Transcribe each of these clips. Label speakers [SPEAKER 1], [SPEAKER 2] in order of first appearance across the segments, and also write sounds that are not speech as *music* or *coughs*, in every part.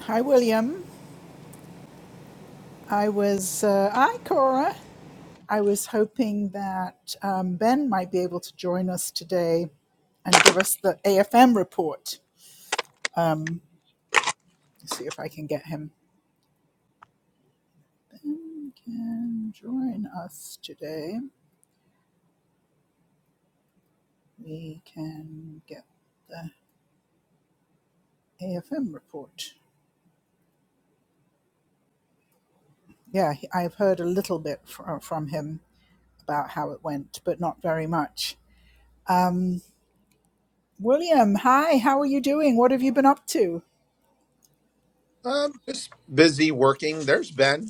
[SPEAKER 1] Hi, William. I was, uh, hi, Cora. I was hoping that um, Ben might be able to join us today and give us the AFM report. Um, let's see if I can get him. Ben can join us today. We can get the AFM report. Yeah, he- I've heard a little bit fr- from him about how it went, but not very much. William, hi, how are you doing? What have you been up to?
[SPEAKER 2] Um, just busy working. There's Ben.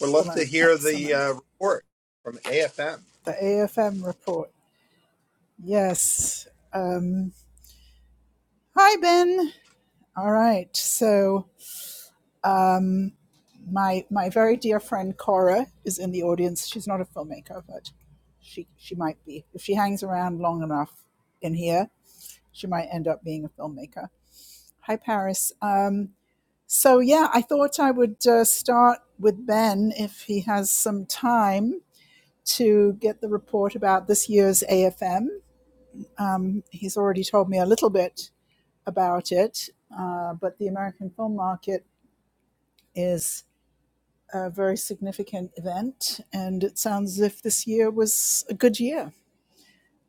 [SPEAKER 2] Would love to
[SPEAKER 1] Excellent,
[SPEAKER 2] hear the
[SPEAKER 1] excellent.
[SPEAKER 2] uh, report from AFM
[SPEAKER 1] The AFM report. Yes. Um, hi, Ben. All right. So, um, my my very dear friend Cora is in the audience. She's not a filmmaker, but she she might be if she hangs around long enough in here. She might end up being a filmmaker. Hi, Paris. Um, so yeah, I thought I would uh, start with Ben if he has some time to get the report about this year's AFM. Um, he's already told me a little bit about it, uh, but the American film market is a very significant event, and it sounds as if this year was a good year.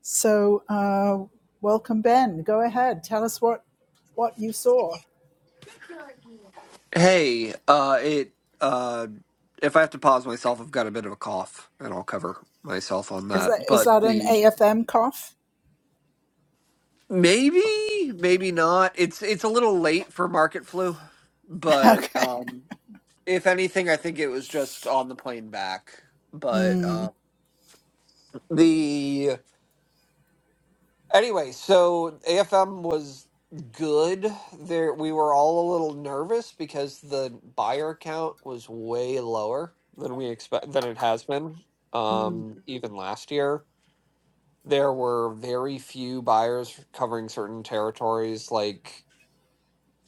[SPEAKER 1] So, uh, welcome, Ben. Go ahead, tell us what what you saw.
[SPEAKER 3] Hey, uh, it, uh, if I have to pause myself, I've got a bit of a cough, and I'll cover myself on
[SPEAKER 1] Is
[SPEAKER 3] that.
[SPEAKER 1] that is
[SPEAKER 3] But
[SPEAKER 1] that an
[SPEAKER 3] the
[SPEAKER 1] AFM cough?
[SPEAKER 3] maybe, maybe not. It's it's a little late for market flu,
[SPEAKER 1] *laughs*
[SPEAKER 3] but
[SPEAKER 1] okay,
[SPEAKER 3] um, if anything, I think it was just on the plane back. But uh, the Anyway, so AFM was good. There, we were all a little nervous because the buyer count was way lower than we expect than it has been. Um, even last year, there were very few buyers covering certain territories. Like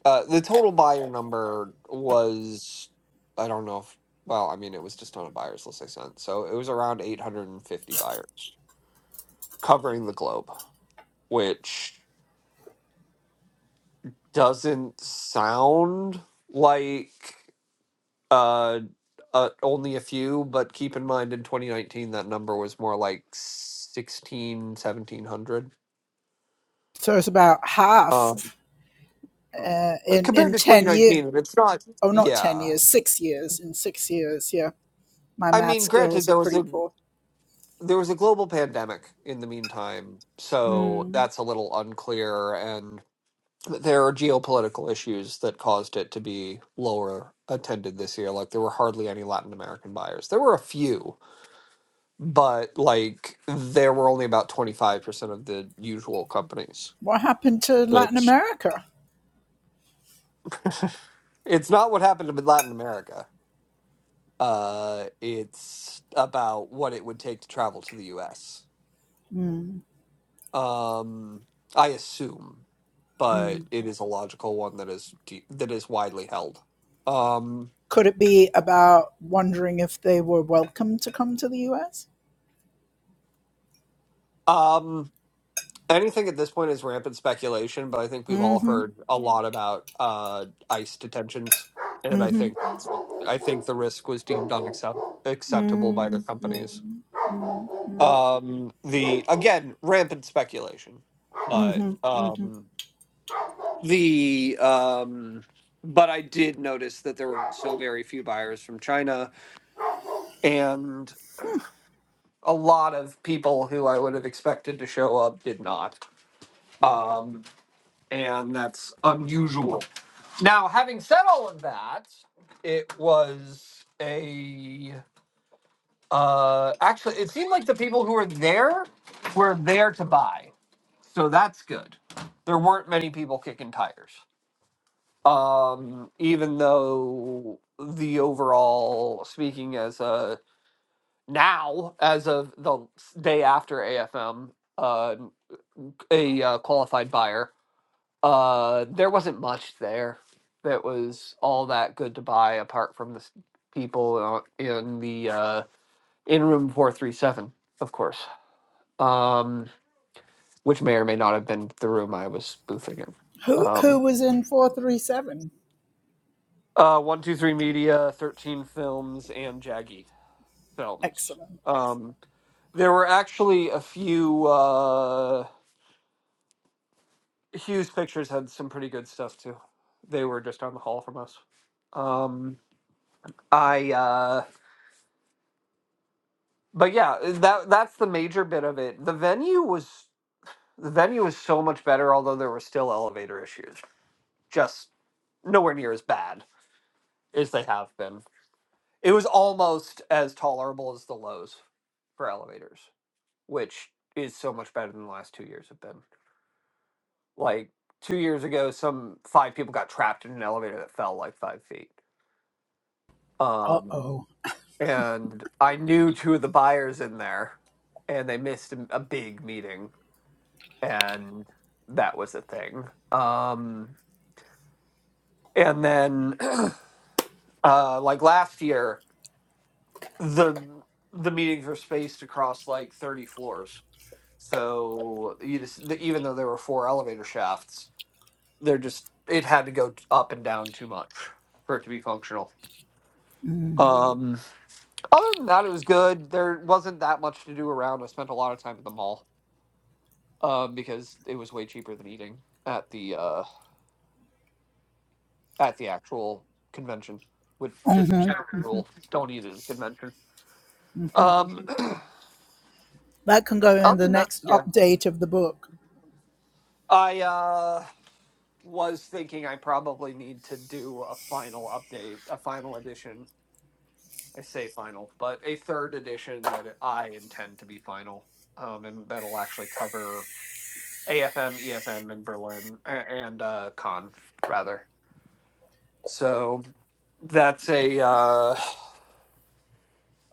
[SPEAKER 3] uh, the total buyer number was, I don't know if. Well, I mean, it was just on a buyer's list I sent, so it was around 850 buyers covering the globe, which doesn't sound like uh, uh only a few but keep in mind in 2019 that number was more like 16 1700
[SPEAKER 1] so it's about half uh,
[SPEAKER 3] um
[SPEAKER 1] in
[SPEAKER 3] compared
[SPEAKER 1] in
[SPEAKER 3] to
[SPEAKER 1] ten years.
[SPEAKER 3] 2019 it's not
[SPEAKER 1] Oh, not ten
[SPEAKER 3] yeah
[SPEAKER 1] years, six years. In six years, yeah. My
[SPEAKER 3] i
[SPEAKER 1] math
[SPEAKER 3] mean granted
[SPEAKER 1] skills are
[SPEAKER 3] there was
[SPEAKER 1] pretty
[SPEAKER 3] a
[SPEAKER 1] poor.
[SPEAKER 3] there was a global pandemic in the meantime so
[SPEAKER 1] Mm.
[SPEAKER 3] that's a little unclear and there are geopolitical issues that caused it to be lower attended this year like there were hardly any latin american buyers there were a few but like there were only about 25% of the usual companies
[SPEAKER 1] What happened to Latin
[SPEAKER 3] which
[SPEAKER 1] America?
[SPEAKER 3] it's not what happened to latin america uh it's about what it would take to travel to the us
[SPEAKER 1] Mm.
[SPEAKER 3] um i assume but
[SPEAKER 1] Mm.
[SPEAKER 3] it is a logical one that is de- that is widely held um
[SPEAKER 1] Could it be about wondering if they were welcome to come to the US?
[SPEAKER 3] um anything at this point is rampant speculation but i think we've all
[SPEAKER 1] Mm-hmm.
[SPEAKER 3] heard a lot about uh ice detentions and i
[SPEAKER 1] Mm-hmm.
[SPEAKER 3] think I think the risk was deemed unaccept- acceptable by
[SPEAKER 1] Mm,
[SPEAKER 3] the companies. Um, the again rampant speculation,
[SPEAKER 1] Mm-hmm. mm hmm
[SPEAKER 3] but
[SPEAKER 1] mm mm hmm
[SPEAKER 3] um, the um, but I did notice that there were so very few buyers from China, and a lot of people who I would have expected to show up did not, um, and that's unusual. Now, having said all of that, it was a Uh, actually, it seemed like the people who were there were there to buy, so that's good. There weren't many people kicking tires. Um, even though the overall, speaking as a now as of the s- day after AFM, uh, a uh, qualified buyer, uh, there wasn't much there that was all that good to buy apart from the s- people uh, in the uh, in room four three seven, of course. um, which may or may not have been the room I was spoofing in.
[SPEAKER 1] Who who
[SPEAKER 3] Um,
[SPEAKER 1] was in four three seven?
[SPEAKER 3] uh, one, two, three media, thirteen films, and Jaggy films.
[SPEAKER 1] Excellent.
[SPEAKER 3] Um, there were actually a few. Uh, Hughes Pictures had some pretty good stuff too. They were just down the hall from us. Um, I. Uh, but yeah, that that's the major bit of it. The venue was the venue was so much better, although there were still elevator issues. Just nowhere near as bad as they have been It was almost as tolerable as the lows for elevators, which is so much better than the last two years have been. Like two years ago, some five people got trapped in an elevator that fell like five feet.
[SPEAKER 1] Uh
[SPEAKER 3] Um,
[SPEAKER 1] oh.
[SPEAKER 3] and I knew two of the buyers in there, and they missed a, a big meeting, and that was a thing. Um, and then, *clears throat* uh, like last year, the the meetings were spaced across like 30 floors So you just, even though there were four elevator shafts, they're just it had to go up and down too much for it to be functional. Um, other than that, it was good. There wasn't that much to do around. I spent a lot of time at the mall um, because it was way cheaper than eating at the uh, at the actual convention. Which just
[SPEAKER 1] hmm
[SPEAKER 3] general rule, don't eat at a convention. Um,
[SPEAKER 1] That can go
[SPEAKER 3] *clears throat*
[SPEAKER 1] in
[SPEAKER 3] other
[SPEAKER 1] the
[SPEAKER 3] than that,
[SPEAKER 1] next
[SPEAKER 3] yeah,
[SPEAKER 1] update of the book.
[SPEAKER 3] I uh, was thinking I probably need to do a final update, a final edition I say final, but a third edition that I intend to be final, um, and that'll actually cover AFM, EFM, and Berlin a- and uh, Con rather. So that's a. Uh,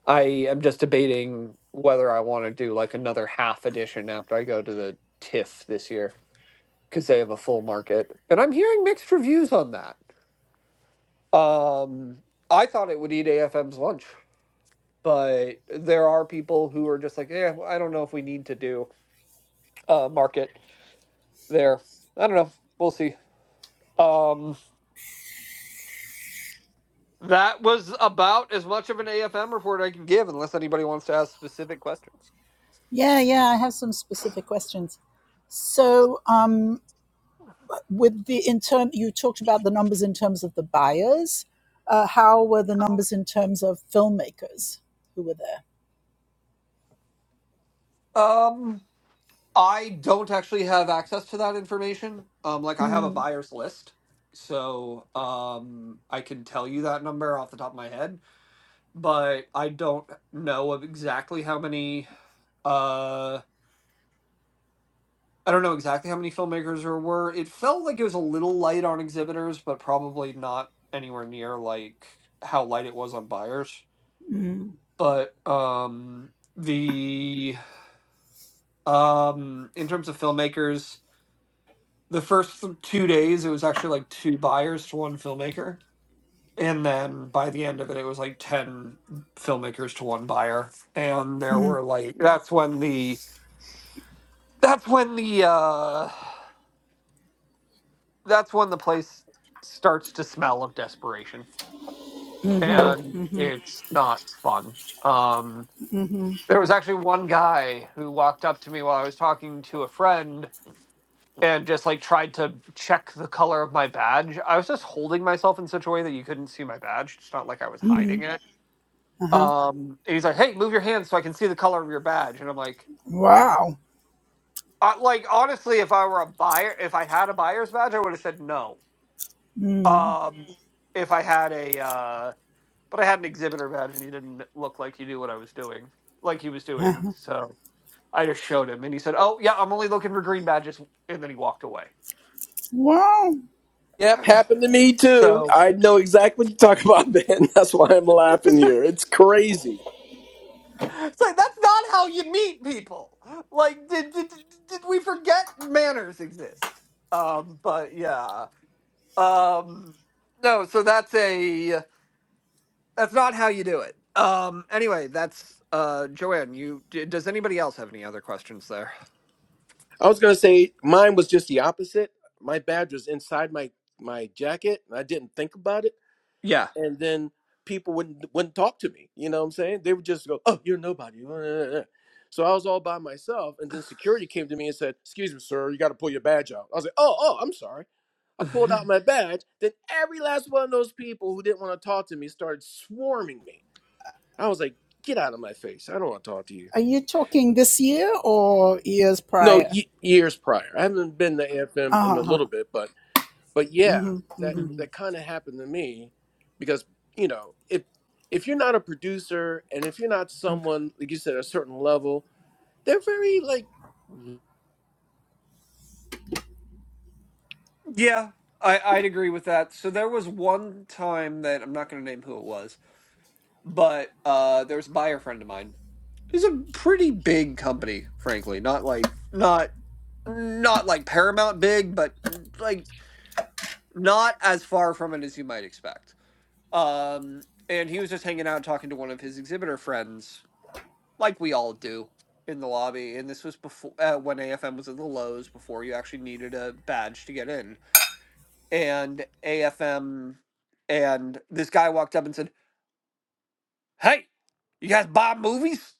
[SPEAKER 3] I am just debating whether I want to do like another half edition after I go to the TIFF this year because they have a full market, and I'm hearing mixed reviews on that. Um, I thought it would eat AFM's lunch, but there are people who are just like, yeah, I don't know if we need to do uh, market there. I don't know. We'll see. Um, that was about as much of an AFM report I can give, unless anybody wants to ask specific questions.
[SPEAKER 1] Yeah, yeah. I have some specific questions. So, um, with the in term, you talked about the numbers in terms of the buyers. Uh, how were the numbers in terms of filmmakers who were there?
[SPEAKER 3] Um, I don't actually have access to that information. Um, like I have a buyer's list, so um, I can tell you that number off the top of my head, but I don't know of exactly how many. Uh, I don't know exactly how many filmmakers there were. It felt like it was a little light on exhibitors, but probably not anywhere near like how light it was on buyers. But um the um in terms of filmmakers, the first th- two days it was actually like two buyers to one filmmaker. And then by the end of it it was like ten filmmakers to one buyer. And there were like that's when the that's when the uh that's when the place starts to smell of desperation and it's not fun um there was actually one guy who walked up to me while i was talking to a friend and just like tried to check the color of my badge i was just holding myself in such a way that you couldn't see my badge it's not like i was hiding it
[SPEAKER 1] Uh huh.
[SPEAKER 3] um and he's like hey move your hands so i can see the color of your badge and i'm like
[SPEAKER 1] Wow.
[SPEAKER 3] uh, like honestly if i were a buyer if i had a buyer's badge i would have said no um if i had a uh but I had an exhibitor badge and he didn't look like he knew what I was doing, like he was
[SPEAKER 1] Huh.
[SPEAKER 3] doing. So I just showed him and he said, Oh, yeah, I'm only looking for green badges. And then he walked away.
[SPEAKER 1] Wow.
[SPEAKER 4] Yep, happened to me too.
[SPEAKER 3] So
[SPEAKER 4] I know exactly what you're talking about, Ben. *laughs* That's why I'm laughing here. It's crazy.
[SPEAKER 3] *laughs* it's like, that's not how you meet people. Like, did, did, did we forget manners exist? Um, but yeah. Um, no, so that's a, that's not how you do it. Um, anyway, that's, uh, Joanne, you, d- does anybody else have any other questions there?
[SPEAKER 4] I was gonna say mine was just the opposite. My badge was inside my my jacket, and I didn't think about it.
[SPEAKER 3] Yeah.
[SPEAKER 4] And then people wouldn't wouldn't talk to me. You know what I'm saying? They would just go, "Oh, you're nobody." *laughs* So I was all by myself, and then security came to me and said, "Excuse me, sir, you got to pull your badge out." I was like, "Oh, oh, I'm sorry." I pulled out my badge. Then every last one of those people who didn't want to talk to me started swarming me. I was like, get out of my face. I don't want to talk to you.
[SPEAKER 1] Are you talking this year or years
[SPEAKER 4] No,
[SPEAKER 1] prior?
[SPEAKER 4] y- years prior. I haven't been to AFM in a little bit, but but yeah, that that kind of happened to me because you know if if you're not a producer and if you're not
[SPEAKER 3] *laughs*
[SPEAKER 4] someone like you said a certain level, they're very like,
[SPEAKER 3] Yeah, I, I'd agree with that. So there was one time that I'm not going to name who it was, but uh, there was a buyer friend of mine who's a pretty big company, frankly. Not like not not like Paramount big, but mm, like not as far from it as you might expect. Um, and he was just hanging out talking to one of his exhibitor friends, like we all do in the lobby. And this was before uh, when AFM was at the Lowe's before you actually needed a badge to get in and AFM, and this guy walked up and said, "Hey, you guys buy movies?"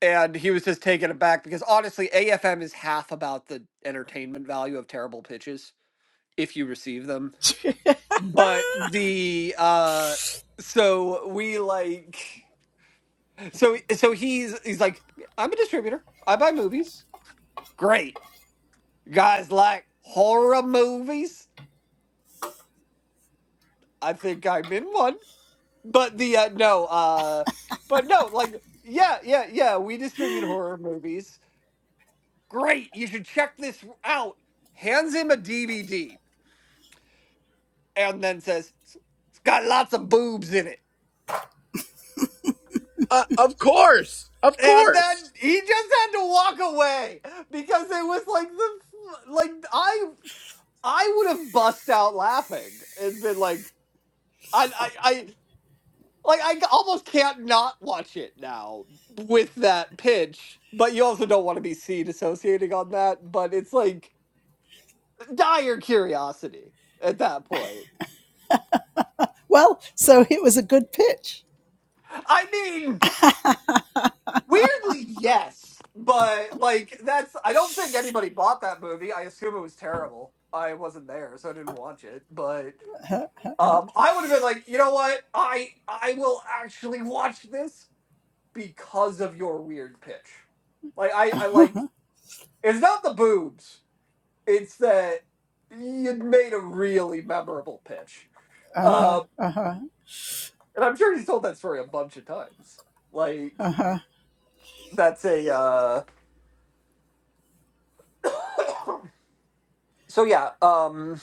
[SPEAKER 3] And he was just taken aback because honestly, AFM is half about the entertainment value of terrible pitches if you receive them. But the uh, so we like so so he's he's like, "I'm a distributor. I buy movies. Great, you guys like horror movies." I think I'm in one but the uh, no uh but no like yeah yeah yeah we distribute horror movies great you should check this out hands him a dvd and then says it's it's got lots of boobs in it
[SPEAKER 4] uh, of course, of
[SPEAKER 3] and then
[SPEAKER 4] course.
[SPEAKER 3] he just had to walk away because it was like the f- like i i would have bust out laughing and been like i i, Like I almost can't not watch it now with that pitch, but you also don't want to be seen associating on that. But it's like dire curiosity at that point.
[SPEAKER 1] Well, so it was a good pitch.
[SPEAKER 3] I mean, weirdly, yes, but like that's I don't think anybody bought that movie. I assume it was terrible. I wasn't there, so I didn't watch it. But um, I would have been like, you know what? I I will actually watch this because of your weird pitch. Like I, I like It's not the boobs. It's that you'd made a really memorable pitch.
[SPEAKER 1] Uh huh.
[SPEAKER 3] Um,
[SPEAKER 1] Uh huh.
[SPEAKER 3] and I'm sure he's told that story a bunch of times. Like,
[SPEAKER 1] Uh huh.
[SPEAKER 3] that's a. Uh... *coughs* so, yeah. Um,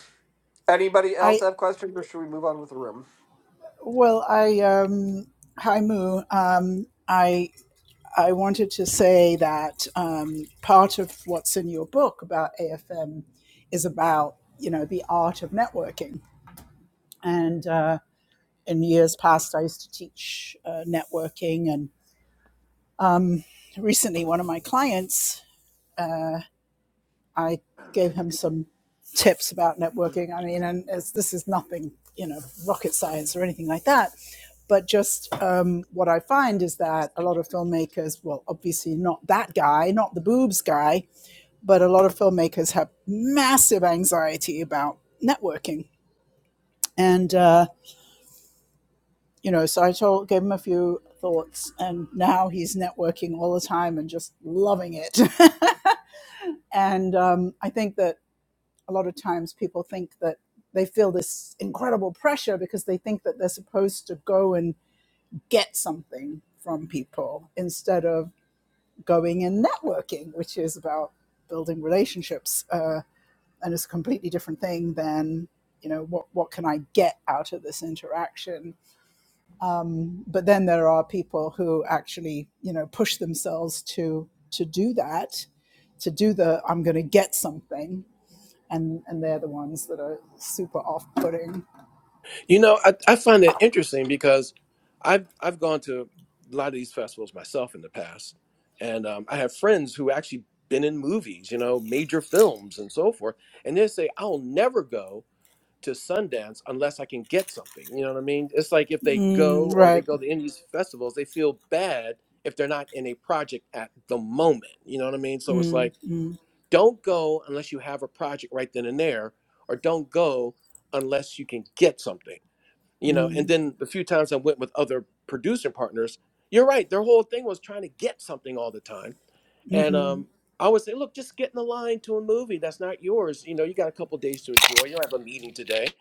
[SPEAKER 3] anybody else
[SPEAKER 1] I
[SPEAKER 3] have questions or should we move on with the room?
[SPEAKER 1] well, I um, hi Moo. Um, I I wanted to say that um, part of what's in your book about AFM is about you know the art of networking. And uh, in years past, I used to teach uh, networking, and recently one of my clients I gave him some tips about networking. I mean, and it's, this is nothing, you know, rocket science or anything like that. But just um, what I find is that a lot of filmmakers, well, obviously not that guy, not the boobs guy, but a lot of filmmakers have massive anxiety about networking. And, uh, you know, so I told, gave him a few thoughts, and now he's networking all the time and just loving it. *laughs* and um, I think that a lot of times people think that they feel this incredible pressure because they think that they're supposed to go and get something from people instead of going and networking, which is about building relationships uh, and is a completely different thing than you know what what can I get out of this interaction. But then there are people who actually you know push themselves to to do that, to do the I'm going to get something and and they're the ones that are super off-putting.
[SPEAKER 4] You know, I, I find that interesting because I've I've gone to a lot of these festivals myself in the past, and um, I have friends who actually been in movies, you know, major films and so forth, and they say I'll never go to Sundance unless I can get something. You know what I mean? It's like if they go
[SPEAKER 1] Mm,
[SPEAKER 4] or they
[SPEAKER 1] right.
[SPEAKER 4] go to any of these festivals, they feel bad if they're not in a project at the moment. You know what I mean? So it's
[SPEAKER 1] Mm,
[SPEAKER 4] like
[SPEAKER 1] mm,
[SPEAKER 4] don't go unless you have a project right then and there, or don't go unless you can get something you know and
[SPEAKER 1] mm,
[SPEAKER 4] then the few times i went with other producer partners you're right their whole thing was trying to get something all the time and
[SPEAKER 1] mm-hmm.
[SPEAKER 4] um i would say look just get in the line to a movie that's not yours you know you got a couple days to enjoy you'll have a meeting today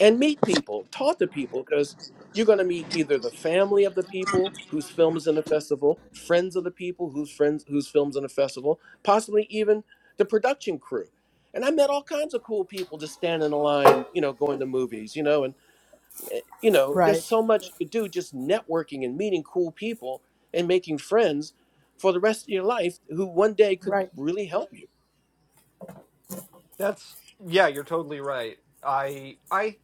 [SPEAKER 4] and meet people talk to people because you're going to meet either the family of the people whose film is in the festival friends of the people whose friends whose films in the festival possibly even the production crew and i met all kinds of cool people just standing in line you know going to movies you know and eh, you know, there's
[SPEAKER 1] Right.
[SPEAKER 4] so much you could do just networking and meeting cool people and making friends for the rest of your life who one day could
[SPEAKER 1] Right.
[SPEAKER 4] really help you.
[SPEAKER 3] That's yeah, you're totally right. I I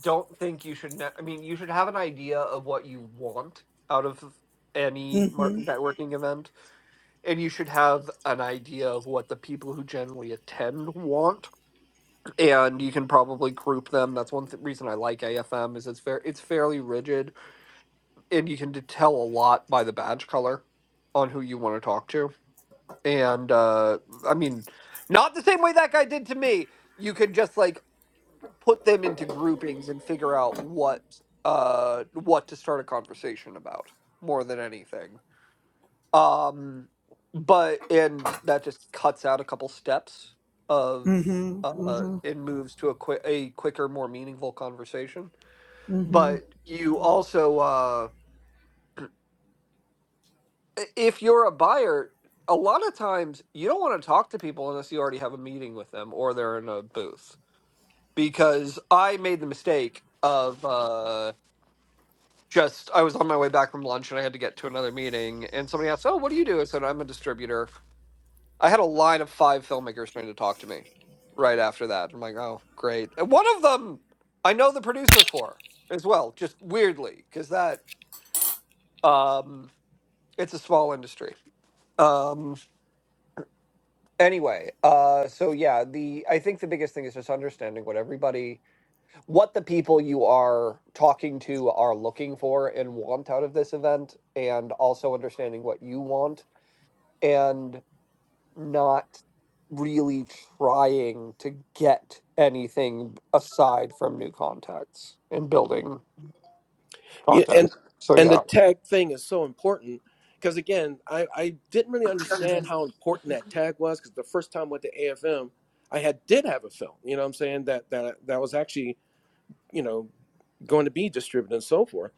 [SPEAKER 3] don't think you should. Ne- I mean, you should have an idea of what you want out of any mar-
[SPEAKER 1] Mm-hmm.
[SPEAKER 3] networking event. and you should have an idea of what the people who generally attend want and you can probably group them that's one th- reason i like afm is it's fair it's fairly rigid and you can tell a lot by the badge color on who you want to talk to and uh i mean not the same way that guy did to me you could just like put them into groupings and figure out what uh what to start a conversation about more than anything Um, but and that just cuts out a couple steps of
[SPEAKER 1] Mm-hmm.
[SPEAKER 3] uh
[SPEAKER 1] Mm-hmm.
[SPEAKER 3] and moves to a quick a quicker, more meaningful conversation.
[SPEAKER 1] Mm-hmm.
[SPEAKER 3] But you also uh i- if you're a buyer, a lot of times you don't want to talk to people unless you already have a meeting with them or they're in a booth. Because I made the mistake of uh just I was on my way back from lunch and I had to get to another meeting and somebody asked, "Oh, what do you do?" I said, "I'm a distributor." I had a line of five filmmakers trying to talk to me right after that. I'm like, oh, great. And one of them I know the producer for as well, just weirdly, because that um, it's a small industry. Um, anyway, uh, so yeah, the I think the biggest thing is just understanding what everybody, what the people you are talking to are looking for and want out of this event, and also understanding what you want. and. not really trying to get anything aside from new contacts and building
[SPEAKER 4] Yeah,
[SPEAKER 3] contact.
[SPEAKER 4] and
[SPEAKER 3] So
[SPEAKER 4] and the
[SPEAKER 3] yeah.
[SPEAKER 4] tag thing is so important because again, I I didn't really understand how important that tag was because the first time I went to AFM, I had did have a film. You know, what I'm saying that that that was actually you know, going to be distributed and so forth.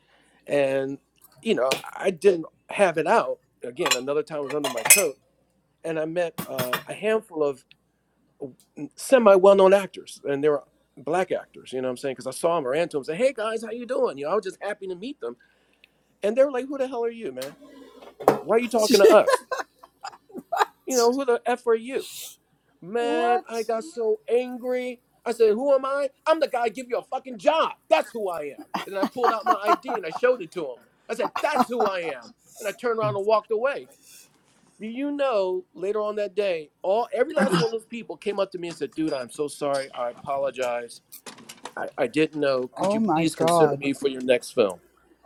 [SPEAKER 4] And, you know, I didn't have it out. Again, another time I was under my coat and I met uh, a handful of semi well known actors and they were black actors, you know what I'm saying? Because I saw them or ran to them and said, hey guys, how you doing? You know, I was just happy to meet them. And they were like, who the hell are you, man? Why are you talking to us? You know, who the F are you?
[SPEAKER 1] *laughs*
[SPEAKER 4] Man,
[SPEAKER 1] What?
[SPEAKER 4] I got so angry. I said, Who am I? I'm the guy give you a fucking job. That's who I am. And I pulled out my ID and I showed it to him. I said, That's who I am. And I turned around and walked away. Do you know later on that day, all every last one of those people came up to me and said, Dude, I'm so sorry. I apologize. I, I didn't know. Could
[SPEAKER 1] Oh
[SPEAKER 4] you
[SPEAKER 1] my
[SPEAKER 4] please consider
[SPEAKER 1] God.
[SPEAKER 4] me for your next film?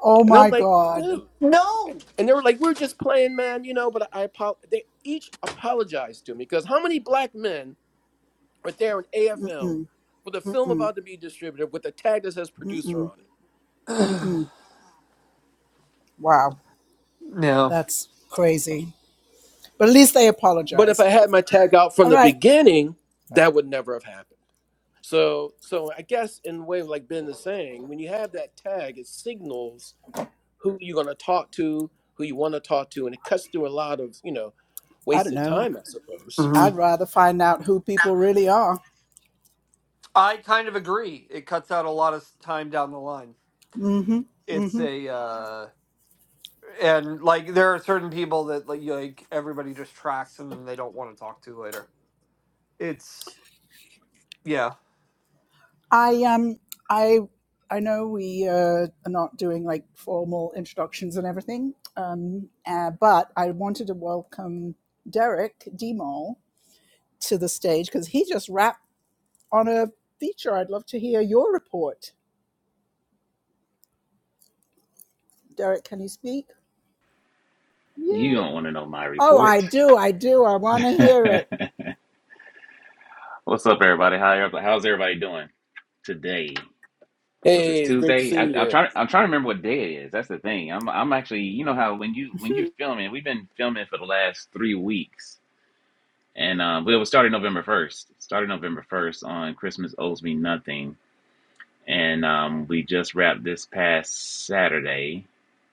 [SPEAKER 1] Oh
[SPEAKER 4] And I'm
[SPEAKER 1] my
[SPEAKER 4] like,
[SPEAKER 1] God.
[SPEAKER 4] dude.
[SPEAKER 3] No.
[SPEAKER 4] And they were like, We're just playing, man, you know, but I apo-. they each apologized to me because how many black men right there in AFM with a film about to be distributed with a tag that says producer on it.
[SPEAKER 1] Wow.
[SPEAKER 3] Yeah.
[SPEAKER 1] That's crazy. But at least they
[SPEAKER 4] But if I
[SPEAKER 1] apologized.
[SPEAKER 4] had my tag out from
[SPEAKER 1] All
[SPEAKER 4] the
[SPEAKER 1] right.
[SPEAKER 4] beginning, that would never have happened. So so I guess in a way like Ben is saying, when you have that tag, it signals who you're gonna talk to, who you wanna talk to, and it cuts through a lot of, you know,
[SPEAKER 1] I don't
[SPEAKER 4] wasted
[SPEAKER 1] know.
[SPEAKER 4] time, I suppose.
[SPEAKER 3] hmm
[SPEAKER 1] I'd rather find out who people really are.
[SPEAKER 3] I kind of agree. It cuts out a lot of s- time down the line. It's a uh and like there are certain people that like you- like everybody just tracks and they don't want to talk to later. It's yeah.
[SPEAKER 1] I um I I know we uh, are not doing like formal introductions and everything, um, uh, but I wanted to welcome Derek Demol to the stage because he just rapped on a feature. I'd love to hear your report, Derek. Can you speak? Yeah.
[SPEAKER 5] You don't want to know my
[SPEAKER 1] Oh, I
[SPEAKER 5] report.
[SPEAKER 1] do. I do. I want to
[SPEAKER 5] *laughs*
[SPEAKER 1] hear
[SPEAKER 5] What's up, everybody? How how's everybody doing today? Was this
[SPEAKER 4] Hey, it's great to
[SPEAKER 5] Tuesday? I,
[SPEAKER 4] see
[SPEAKER 5] I'm
[SPEAKER 4] you.
[SPEAKER 5] trying. I'm trying to remember what day it is. That's the thing. I'm. I'm actually. You know how when you when you're
[SPEAKER 1] it.
[SPEAKER 5] filming, we've been filming for the last three weeks, and um, well, it was started November first. Started November first on Christmas owes me nothing, and um, we just wrapped this past Saturday.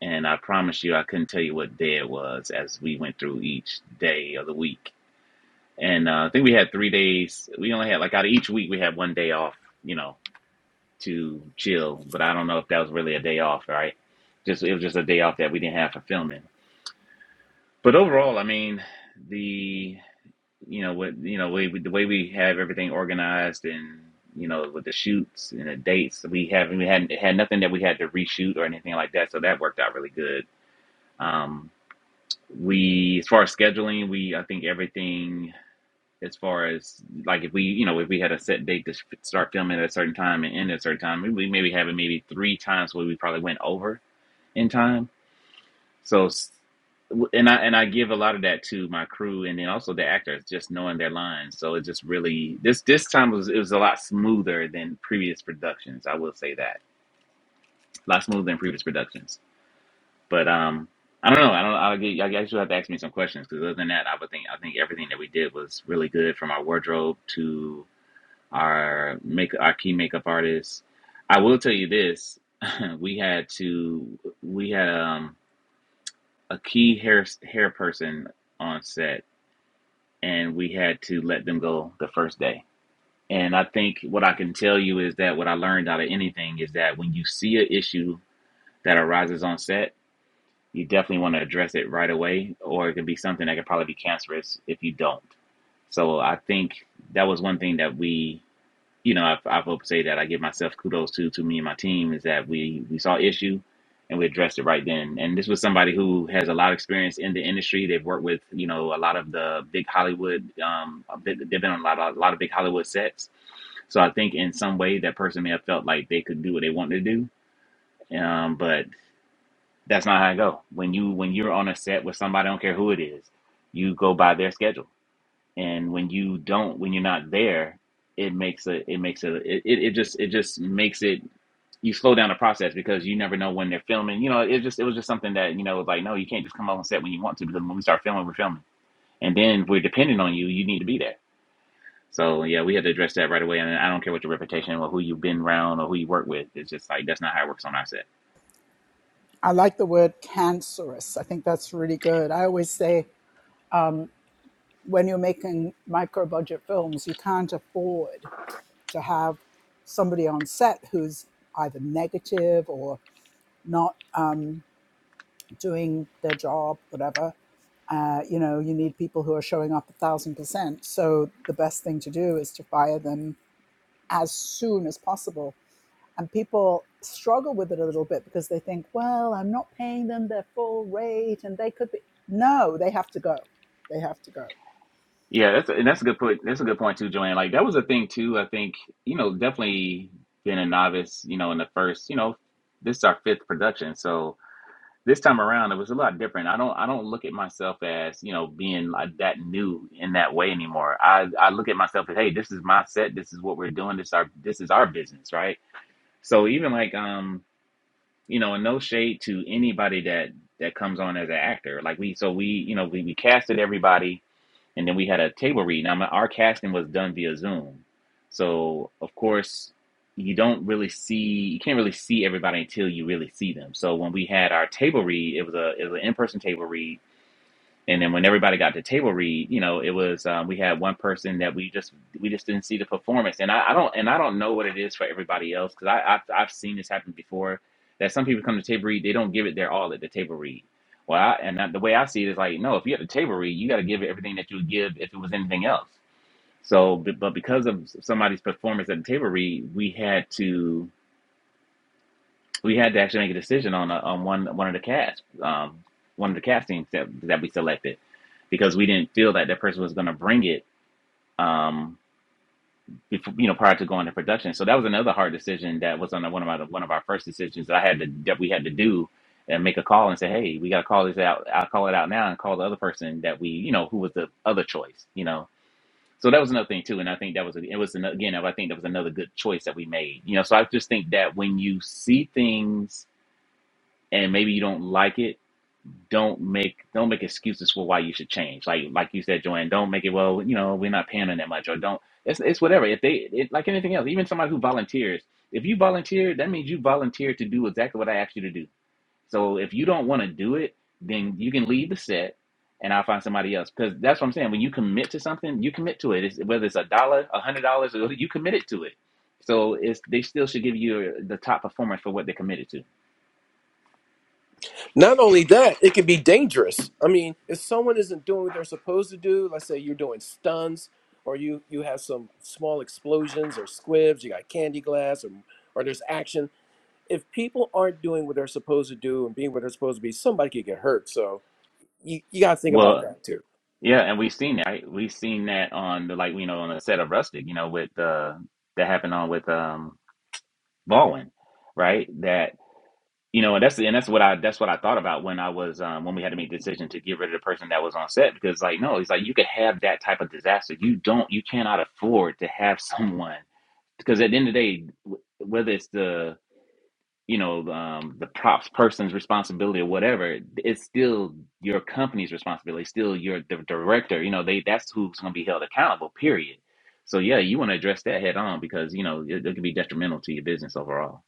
[SPEAKER 5] And I promise you, I couldn't tell you what day it was as we went through each day of the week and uh, I think we had three days. We only had like out of each week, we had one day off, you know, to chill. But I don't know if that was really a day off, right? Just it was just a day off that we didn't have for filming. But overall, I mean, the you know what you know we, the way we have everything organized and you know with the shoots and the dates we haven't we hadn't had nothing that we had to reshoot or anything like that so that worked out really good um we as far as scheduling we i think everything as far as like if we you know if we had a set date to start filming at a certain time and end at a certain time we maybe having maybe three times where we probably went over in time so s- w- and i and i give a lot of that to my crew and then also the actors just knowing their lines so it just really this this time was it was a lot smoother than previous productions i will say that a lot smoother than previous productions but um I don't know. I don't. I guess I guess you have to ask me some questions because other than that, I would think I think everything that we did was really good from our wardrobe to our make our key makeup artist. I will tell you this: *laughs* we had to we had um, a key hair hair person on set, and we had to let them go the first day. And I think what I can tell you is that what I learned out of anything is that when you see an issue that arises on set, you definitely want to address it right away, or it could be something that could probably be cancerous if you don't. So I think that was one thing that we you know, I've, I've hope to say that I give myself kudos to to me and my team is that we we saw issue and we addressed it right then. And this was somebody who has a lot of experience in the industry. They've worked with you know a lot of the big Hollywood. Um, a bit- they've been on a lot of, a lot of big Hollywood sets. So I think in some way that person may have felt like they could do what they wanted to do. Um, but that's not how I go. When you when you're on a set with somebody, I don't care who it is, you go by their schedule and when you don't when you're not there it makes a it makes a it, it it just it just makes it you slow down the process because you never know when they're filming you know it just it was just something that you know it was like no you can't just come on set when you want to because when we start filming we're filming and then we're dependent on you you need to be there so yeah we had to address that right away and i don't care what your reputation or who you've been around or who you work with it's just like that's not how it works on our set
[SPEAKER 1] *laughs* I like the word cancerous. I think that's really good. I always say when you're making micro budget films, you can't afford to have somebody on set who's either negative or not um, doing their job, whatever. Uh, you know, you need people who are showing up a thousand percent. So the best thing to do is to fire them as soon as possible. And people struggle with it a little bit because they think, well, I'm not paying them their full rate and they could be. No, they have to go. They have to go.
[SPEAKER 5] Yeah, that's a, and that's a good point. That's a good point too, Joanne. Like that was a thing too. I think you know definitely being a novice, you know, in the first, you know, this is our fifth production, so this time around it was a lot different. I don't I don't look at myself as you know being like that new in that way anymore. I I look at myself as hey, this is my set. This is what we're doing. This our this is our business, right? So even like um you know, and no shade to anybody that that comes on as an actor. Like we so we you know we we casted everybody and then we had a table read. Now, our casting was done via Zoom, so of course you don't really see you can't really see everybody until you really see them. So when we had our table read, it was a it was an in person table read and then when everybody got to table read, you know, it was um, we had one person that we just we just didn't see the performance, and I, I don't and I don't know what it is for everybody else because I I've, I've seen this happen before that some people come to table read they don't give it their all at the table read. Well, I, and that, the way I see it is like no, if you have the table read, you got to give it everything that you would give if it was anything else. So, but but because of somebody's performance at the table read, we had to we had to actually make a decision on a, on one one of the cast um one of the castings that that we selected because we didn't feel that that person was going to bring it um before, you know prior to going to production so that was another hard decision that was on the, one of our one of our first decisions that I had to that we had to do and make a call and say hey we got to call this out I'll call it out now and call the other person that we you know who was the other choice you know so that was another thing too and I think that was it was another, again I think that was another good choice that we made you know so I just think that when you see things and maybe you don't like it, don't make don't make excuses for why you should change. Like like you said, Joanne, don't make it. Well, you know, we're not paying them that much, or don't. It's it's whatever. If they it, like anything else, even somebody who volunteers, if you volunteer, that means you volunteer to do exactly what I asked you to do. So if you don't want to do it, then you can leave the set, and I'll find somebody else. Because that's what I'm saying. When you commit to something, you commit to it. It's, whether it's a dollar, a hundred dollars, or you committed to it. So it's they still should give you the top performance for what they're committed to.
[SPEAKER 4] Not only that, it can be dangerous. I mean, if someone isn't doing what they're supposed to do, let's say you're doing stunts or you you have some small explosions or squibs, you got candy glass or or there's action. If people aren't doing what they're supposed to do and being what they're supposed to be, somebody could get hurt. So you, you got to think about
[SPEAKER 5] Well.
[SPEAKER 4] that too.
[SPEAKER 5] Yeah, and we've seen that. Right? We've seen that on the like you know on the set of Rustic, you know, with uh that happened on with um Baldwin, right? That you know, and that's and that's what I that's what I thought about when I was um when we had to make the decision to get rid of the person that was on set because like no, it's like you could have that type of disaster. You don't you cannot afford to have *laughs* someone because at the end of the day, wh- whether it's the you know um, the props person's responsibility or whatever it's still your company's responsibility it's still your the director you know they that's who's going to be held accountable period so yeah you want to address that head on because you know it, it could be detrimental to your business overall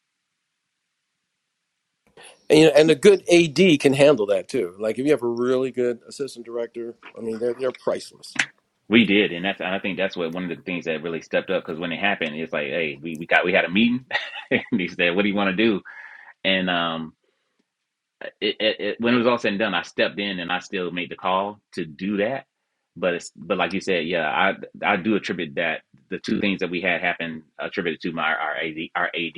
[SPEAKER 4] And you know, and a good AD can handle that too. Like if you have a really good assistant director, I mean, they're they're priceless.
[SPEAKER 5] we did and that's and i think that's what one of the things that really stepped up because when it happened it's like hey we, we got we had a meeting *laughs* and he said what do you want to do and um it, it, it- when it was all said and done, I stepped in and I still made the call to do that. But it's, but like you said, yeah, I I do attribute that the two things that we had happen attributed to my our AD, our AD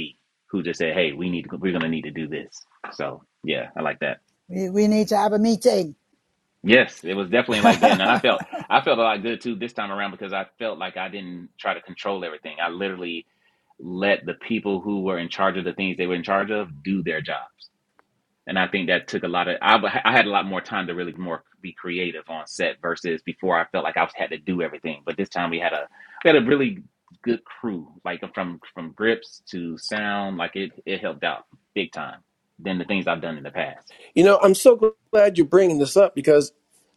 [SPEAKER 5] who just said, hey, we need to, we're gonna need to do this. So yeah, I like that.
[SPEAKER 1] We, we need to have a meeting.
[SPEAKER 5] Yes, it was definitely like that, and I
[SPEAKER 1] *laughs*
[SPEAKER 5] felt I felt a lot good too this time around because I felt like I didn't try to control everything. I literally let the people who were in charge of the things they were in charge of do their jobs and I think that took a lot of. I, w- I had a lot more time to really more be creative on set versus before. I felt like I was had to do everything, but this time we had a we had a really good crew, like uh, from from grips to sound, like it it helped out big time than the things I've done in the past.
[SPEAKER 4] You know, I'm so glad you're bringing this up because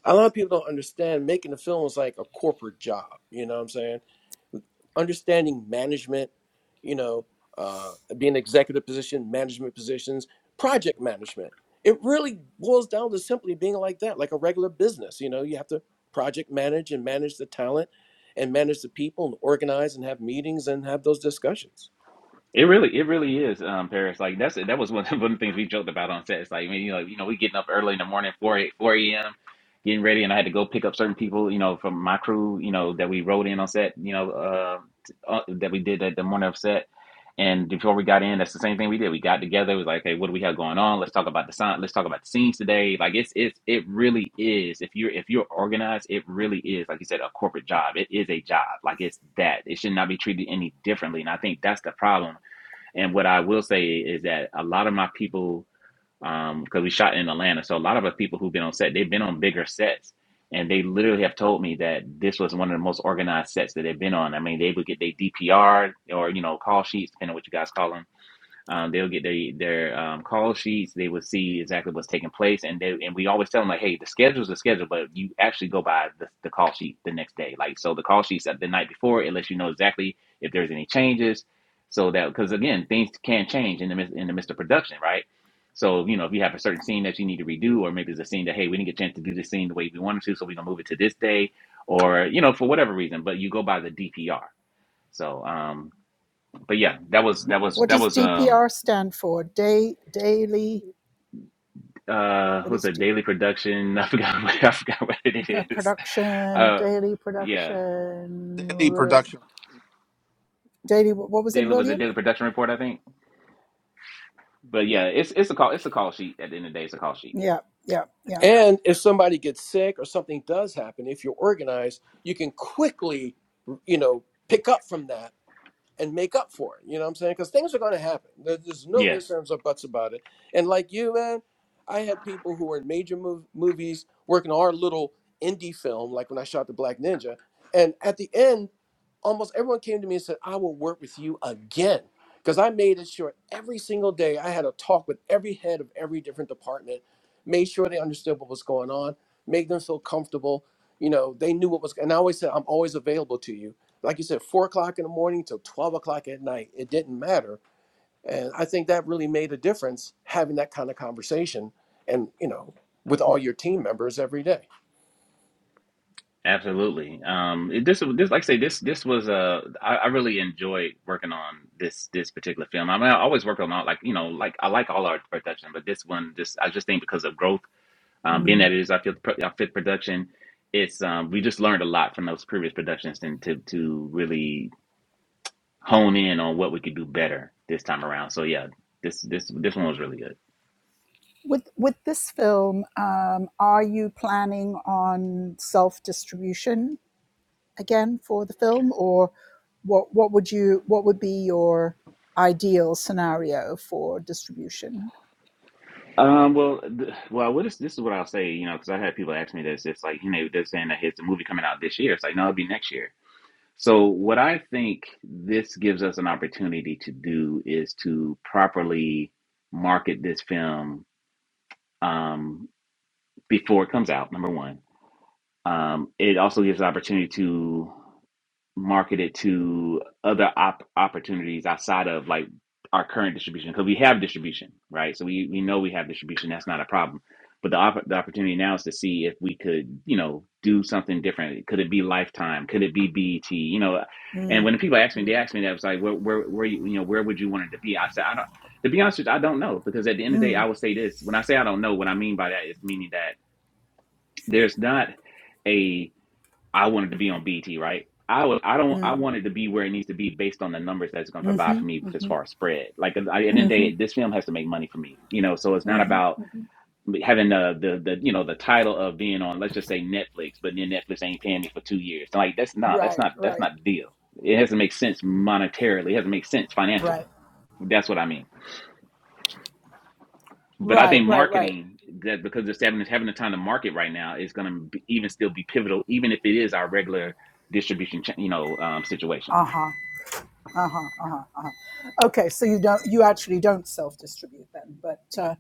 [SPEAKER 4] a lot of people don't understand making a film is like a corporate job. You know what I'm saying? Understanding management, you know, uh, being an executive position, management positions, project management. It really boils down to simply being like that, like a regular business. You know, you have to project manage and manage the talent and manage the people and organize and have meetings and have those discussions.
[SPEAKER 5] It really, it really is, um, Paris. Like that's that was one *laughs* of, one of the things we joked about on set. It's like, I mean, you know, you know, we getting up early in the morning, four a- four a.m., getting ready, and I had to go pick up certain people, you know, from my crew, you know, that we rode in on set, you know, uh, t- uh, that we did at the morning of set. And before we got in, that's the same thing we did. We got together. It was like, hey, what do we have going on? Let's talk about the sign. Let's talk about the scenes today. Like it's it's it really is. If you're if you're organized, it really is. Like you said, a corporate job. It is a job. Like it's that. It should not be treated any differently. And I think that's the problem and what I will say is that a lot of my people, um, because we shot in Atlanta, so a lot of the people who've been on set, they've been on bigger sets, and they literally have told me that this was one of the most organized sets that they've been on. I mean, they would get their DPR or you know call sheets, depending on what you guys call them um, they'll get their their um, call sheets. They will see exactly what's taking place, and they and we always tell them like, hey, the schedule's the schedule, but you actually go by the, the call sheet the next day. Like so, the call sheets at the night before it lets you know exactly if there's any changes, so that because again, things can change in the midst- in the midst of production, right? So you know, if you have a certain scene that you need to redo, or maybe it's a scene that hey, we didn't get a chance to do this scene the way we wanted to, so we're gonna move it to this day, or you know, for whatever reason, but you go by the DPR. So, um, but yeah, that was that was
[SPEAKER 1] what
[SPEAKER 5] that
[SPEAKER 1] does
[SPEAKER 5] was um
[SPEAKER 1] DPR stand for? Day daily.
[SPEAKER 5] uh
[SPEAKER 1] What
[SPEAKER 5] what's
[SPEAKER 1] is
[SPEAKER 5] a
[SPEAKER 1] D,
[SPEAKER 5] daily production *laughs* i forgot what i forgot what
[SPEAKER 1] uh,
[SPEAKER 5] it is
[SPEAKER 1] production?
[SPEAKER 5] uh
[SPEAKER 1] Daily
[SPEAKER 5] yeah
[SPEAKER 1] production.
[SPEAKER 2] daily
[SPEAKER 1] r-
[SPEAKER 2] production.
[SPEAKER 1] Daily. What what was it,
[SPEAKER 5] daily was a
[SPEAKER 1] William?
[SPEAKER 5] daily production report i think but yeah it's it's a call it's a call sheet at the end of the day it's a call sheet
[SPEAKER 1] Yeah, yeah, yeah.
[SPEAKER 4] And if somebody gets sick or something does happen, if you're organized, you can quickly, you know, pick up from that and make up for it. You know what I'm saying? Because things are going to happen. There- There's no
[SPEAKER 5] yeah
[SPEAKER 4] ifs, ands, or buts about it. And like you, man, I had people who were in major mov- movies working on our little indie film, like when I shot The Black Ninja. And at the end, almost everyone came to me and said, I will work with you again. Because I made it sure every single day I had a talk with every head of every different department, made sure they understood what was going on, made them feel comfortable. You know, they knew what was, and I always said, I'm always available to you like you said, four o'clock in the morning till 12 o'clock at night. It didn't matter. And I think that really made a difference having that kind of conversation and, you know, with all your team members every day.
[SPEAKER 5] absolutely um it, this this like i say this this was uh I, I really enjoyed working on this this particular film i mean i always worked on all like you know like i like all our production but this one just i just think because of growth um being
[SPEAKER 1] Mm.
[SPEAKER 5] that it is our fifth, pro- our fifth production it's um we just learned a lot from those previous productions and to to really hone in on what we could do better this time around. So yeah, this this this one was really good.
[SPEAKER 1] With with this film, um, are you planning on self distribution? again for the film, or what what would you what would be your ideal scenario for distribution?
[SPEAKER 5] Um, well, th- well, what is this is what I'll say, you know, because I had people ask me this. It's like you know they're saying that hey, it's a movie coming out this year. It's like no, it'll be next year. So what I think this gives us an opportunity to do is to properly market this film um, before it comes out. Number one, um, it also gives an opportunity to. marketed to other op- opportunities outside of like our current distribution because we have distribution right so we, we know we have distribution that's not a problem but the, opp- the opportunity now is to see if we could you know do something different could it be lifetime could it be BT you know and
[SPEAKER 1] Mm,
[SPEAKER 5] when people ask me they ask me that it's like where where where you, you know where would you want it to be I said I don't to be honest with you I don't know because at the end of the day I would say this when I say I don't know what I mean by that is meaning that there's not I wanted to be on BT, right? I was, I don't, I wanted to be where it needs to be based on the numbers that's going to provide
[SPEAKER 1] hmm
[SPEAKER 5] for me as far as spread. Like at the end of the day, this film has to make money for me, you know. So it's not about having the the, the you know the title of being on, let's just say Netflix, but then Netflix ain't paying me for two years. So like that's not that's
[SPEAKER 1] Right,
[SPEAKER 5] not that's
[SPEAKER 1] right,
[SPEAKER 5] not the deal. It has to make sense monetarily. It has to make sense financially.
[SPEAKER 1] right,
[SPEAKER 5] That's what I mean. But I
[SPEAKER 1] right,
[SPEAKER 5] think
[SPEAKER 1] right, right.
[SPEAKER 5] marketing that because it's having it's having the time to market right now is going to even still be pivotal, even if it is our regular distribution, cha- you know, um, situation.
[SPEAKER 1] Uh huh. Uh huh. Uh huh. Uh huh. Okay, so you don't you actually don't self distribute then, but. Uh,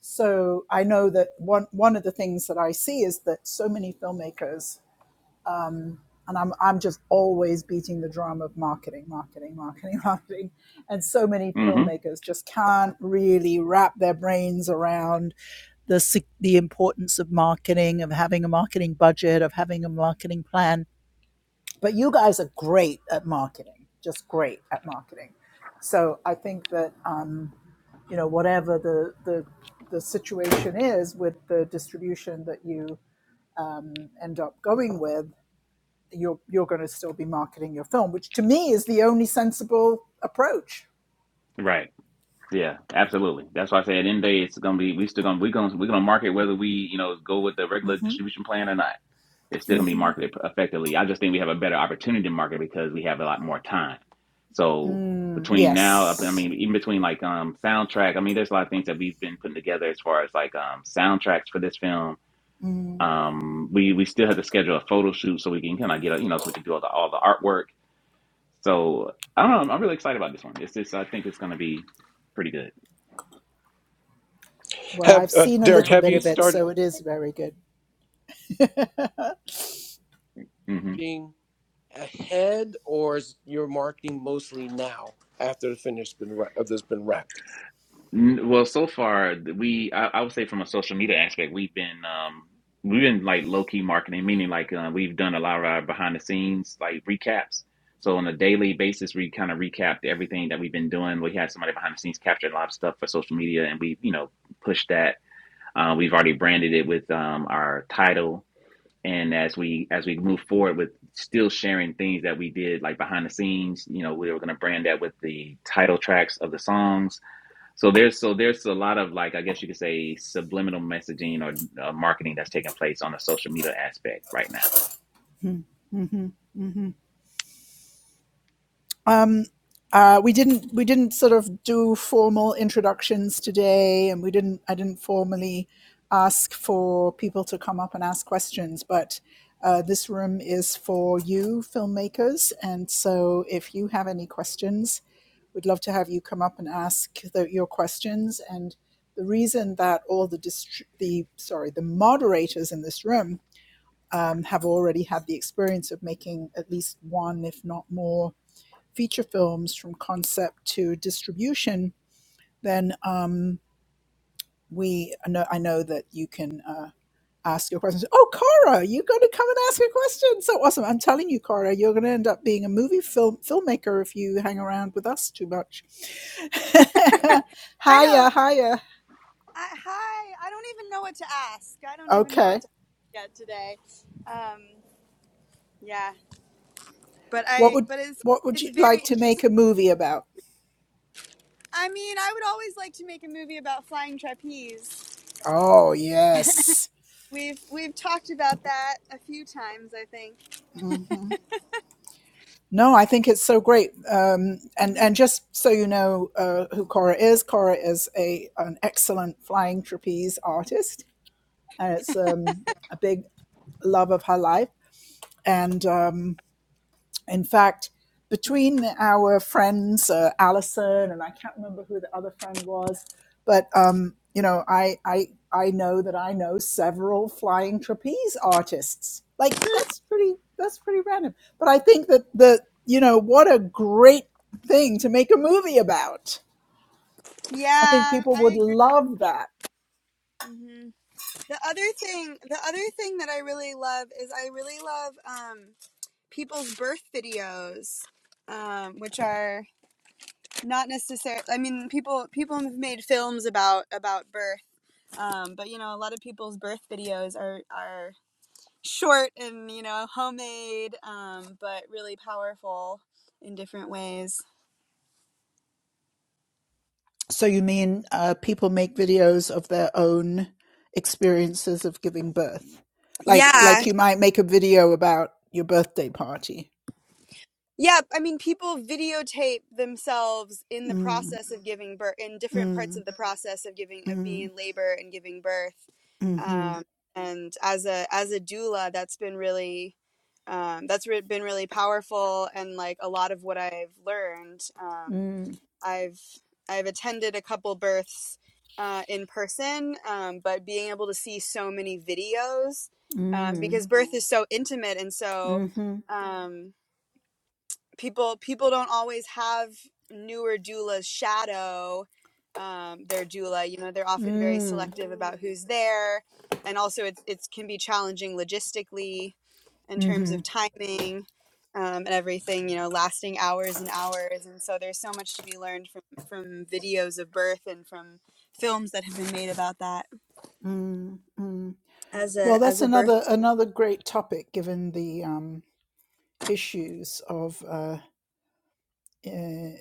[SPEAKER 1] So I know that one one of the things that I see is that so many filmmakers, and I'm I'm just always beating the drum of marketing, marketing, marketing, *laughs* marketing, and so many
[SPEAKER 5] hmm
[SPEAKER 1] filmmakers just can't really wrap their brains around the si, the importance of marketing, of having a marketing budget, of having a marketing plan. But you guys are great at marketing, just great at marketing. So I think that. Um, you know whatever the the the situation is with the distribution that you um, end up going with you're you're going to still be marketing your film which to me is the only sensible approach
[SPEAKER 5] Right. Yeah. Absolutely. That's why I say at the end of the day, it's going to be we still going to we're going to we're going to market whether we you know go with the regular
[SPEAKER 1] hmm
[SPEAKER 5] distribution plan or not. It's still going to be
[SPEAKER 1] hmm
[SPEAKER 5] marketed effectively. I just think we have a better opportunity to market because we have a lot more time. So
[SPEAKER 1] mm,
[SPEAKER 5] between now, up I
[SPEAKER 1] yes
[SPEAKER 5] mean, even between like um soundtrack, I mean, there's a lot of things that we've been putting together as far as like um soundtracks for this film um we we still had to schedule a photo shoot so we can kind of get a, you know so we can do all the all the artwork so i don't know i'm, I'm really excited about this one it's just i think it's going to be pretty good
[SPEAKER 1] well
[SPEAKER 4] Have,
[SPEAKER 1] i've
[SPEAKER 4] uh,
[SPEAKER 1] seen a
[SPEAKER 4] Derek,
[SPEAKER 1] little
[SPEAKER 4] have
[SPEAKER 1] bit
[SPEAKER 4] you
[SPEAKER 1] of it
[SPEAKER 4] started
[SPEAKER 1] so it is very good
[SPEAKER 5] hmm
[SPEAKER 4] being ahead or is your marketing mostly now after the finish been wra- of this been wrapped?
[SPEAKER 5] N- well so far th- we I, I would say from a social media aspect we've been um we've been like low-key marketing meaning like uh, we've done a lot of our behind the scenes like recaps so on a daily basis we kind of recapped everything that we've been doing we had somebody behind the scenes capturing a lot of stuff for social media and we you know pushed that Uh, we've already branded it with um, our title, and as we as we move forward with still sharing things that we did like behind the scenes, you know, we were going to brand that with the title tracks of the songs. So there's so there's a lot of like I guess you could say subliminal messaging or uh, marketing that's taking place on the social media aspect right now.
[SPEAKER 1] mm-hmm. mm-hmm. Mm-hmm. Uh, we didn't we didn't sort of do formal introductions today, and we didn't I didn't formally ask for people to come up and ask questions, but uh, this room is for you filmmakers, and so if you have any questions, we'd love to have you come up and ask the, your questions. And the reason that all the distri- the sorry the moderators in this room um, have already had the experience of making at least one, if not more feature films from concept to distribution, then um, we I know, I know that you can uh, ask your questions. Oh, Cara, you're going to come and ask a question. So awesome! I'm telling you, Cara, you're going to end up being a movie film filmmaker if you hang around with us too much. *laughs*
[SPEAKER 6] I
[SPEAKER 1] hiya,
[SPEAKER 6] don't.
[SPEAKER 1] hiya.
[SPEAKER 6] I, hi. I don't even know what to ask. I don't even know
[SPEAKER 1] Okay,
[SPEAKER 6] what to ask yet today. Um, yeah, but
[SPEAKER 1] what
[SPEAKER 6] I.
[SPEAKER 1] would
[SPEAKER 6] But it's
[SPEAKER 1] what would
[SPEAKER 6] it's
[SPEAKER 1] you like
[SPEAKER 6] very
[SPEAKER 1] to make
[SPEAKER 6] interesting.
[SPEAKER 1] a movie about?
[SPEAKER 6] I mean, I would always like to make a movie about flying trapeze.
[SPEAKER 1] Oh yes.
[SPEAKER 6] We've we've talked about that a few times. I think.
[SPEAKER 1] Mm-hmm. No, I think it's so great. Um, and
[SPEAKER 6] hmm
[SPEAKER 1] and just so you know uh, who Cora is, Cora is a an excellent flying trapeze artist, and it's um, a big love of her life. And um, in fact, between our friends, uh, Allison, and I can't remember who the other friend was, but um, you know, I, I I know that I know several flying trapeze artists. Like that's pretty that's pretty random. But I think that the you know what a great thing to make a movie about. I think
[SPEAKER 6] Yeah,
[SPEAKER 1] people
[SPEAKER 6] I
[SPEAKER 1] would
[SPEAKER 6] agree.
[SPEAKER 1] love that
[SPEAKER 6] hmm The other thing, the other thing that I really love is I really love um, people's birth videos, um, which are not necessarily i mean people people have made films about about birth um, but you know a lot of people's birth videos are are short and you know homemade um, but really powerful in different ways
[SPEAKER 1] So you mean uh, people make videos of their own experiences of giving birth, like
[SPEAKER 6] yeah
[SPEAKER 1] like you might make a video about your birthday party.
[SPEAKER 6] Yeah, I mean, people videotape themselves in the
[SPEAKER 1] Mm,
[SPEAKER 6] process of giving birth, in different parts
[SPEAKER 1] mm,
[SPEAKER 6] of the process of giving, of
[SPEAKER 1] mm,
[SPEAKER 6] being in labor and giving birth.
[SPEAKER 1] mm-hmm,
[SPEAKER 6] Um, and as a as a doula, that's been really, um, that's re- been really powerful. And like a lot of what I've learned, um,
[SPEAKER 1] mm,
[SPEAKER 6] I've I've attended a couple births uh, in person, um, but being able to see so many videos uh,
[SPEAKER 1] mm,
[SPEAKER 6] because birth is so intimate and so.
[SPEAKER 1] mm-hmm,
[SPEAKER 6] Um, people people don't always have newer doulas shadow um, their doula. You know, they're often very
[SPEAKER 1] mm,
[SPEAKER 6] selective about who's there, and also it's it can be challenging logistically in terms
[SPEAKER 1] mm-hmm,
[SPEAKER 6] of timing um, and everything. You know, lasting hours and hours, and so there's so much to be learned from from videos of birth and from films that have been made about that
[SPEAKER 1] mm, mm.
[SPEAKER 6] as
[SPEAKER 1] Well,
[SPEAKER 6] a
[SPEAKER 1] that's
[SPEAKER 6] as a birth.
[SPEAKER 1] another another great topic, given the um, issues of. uh, uh,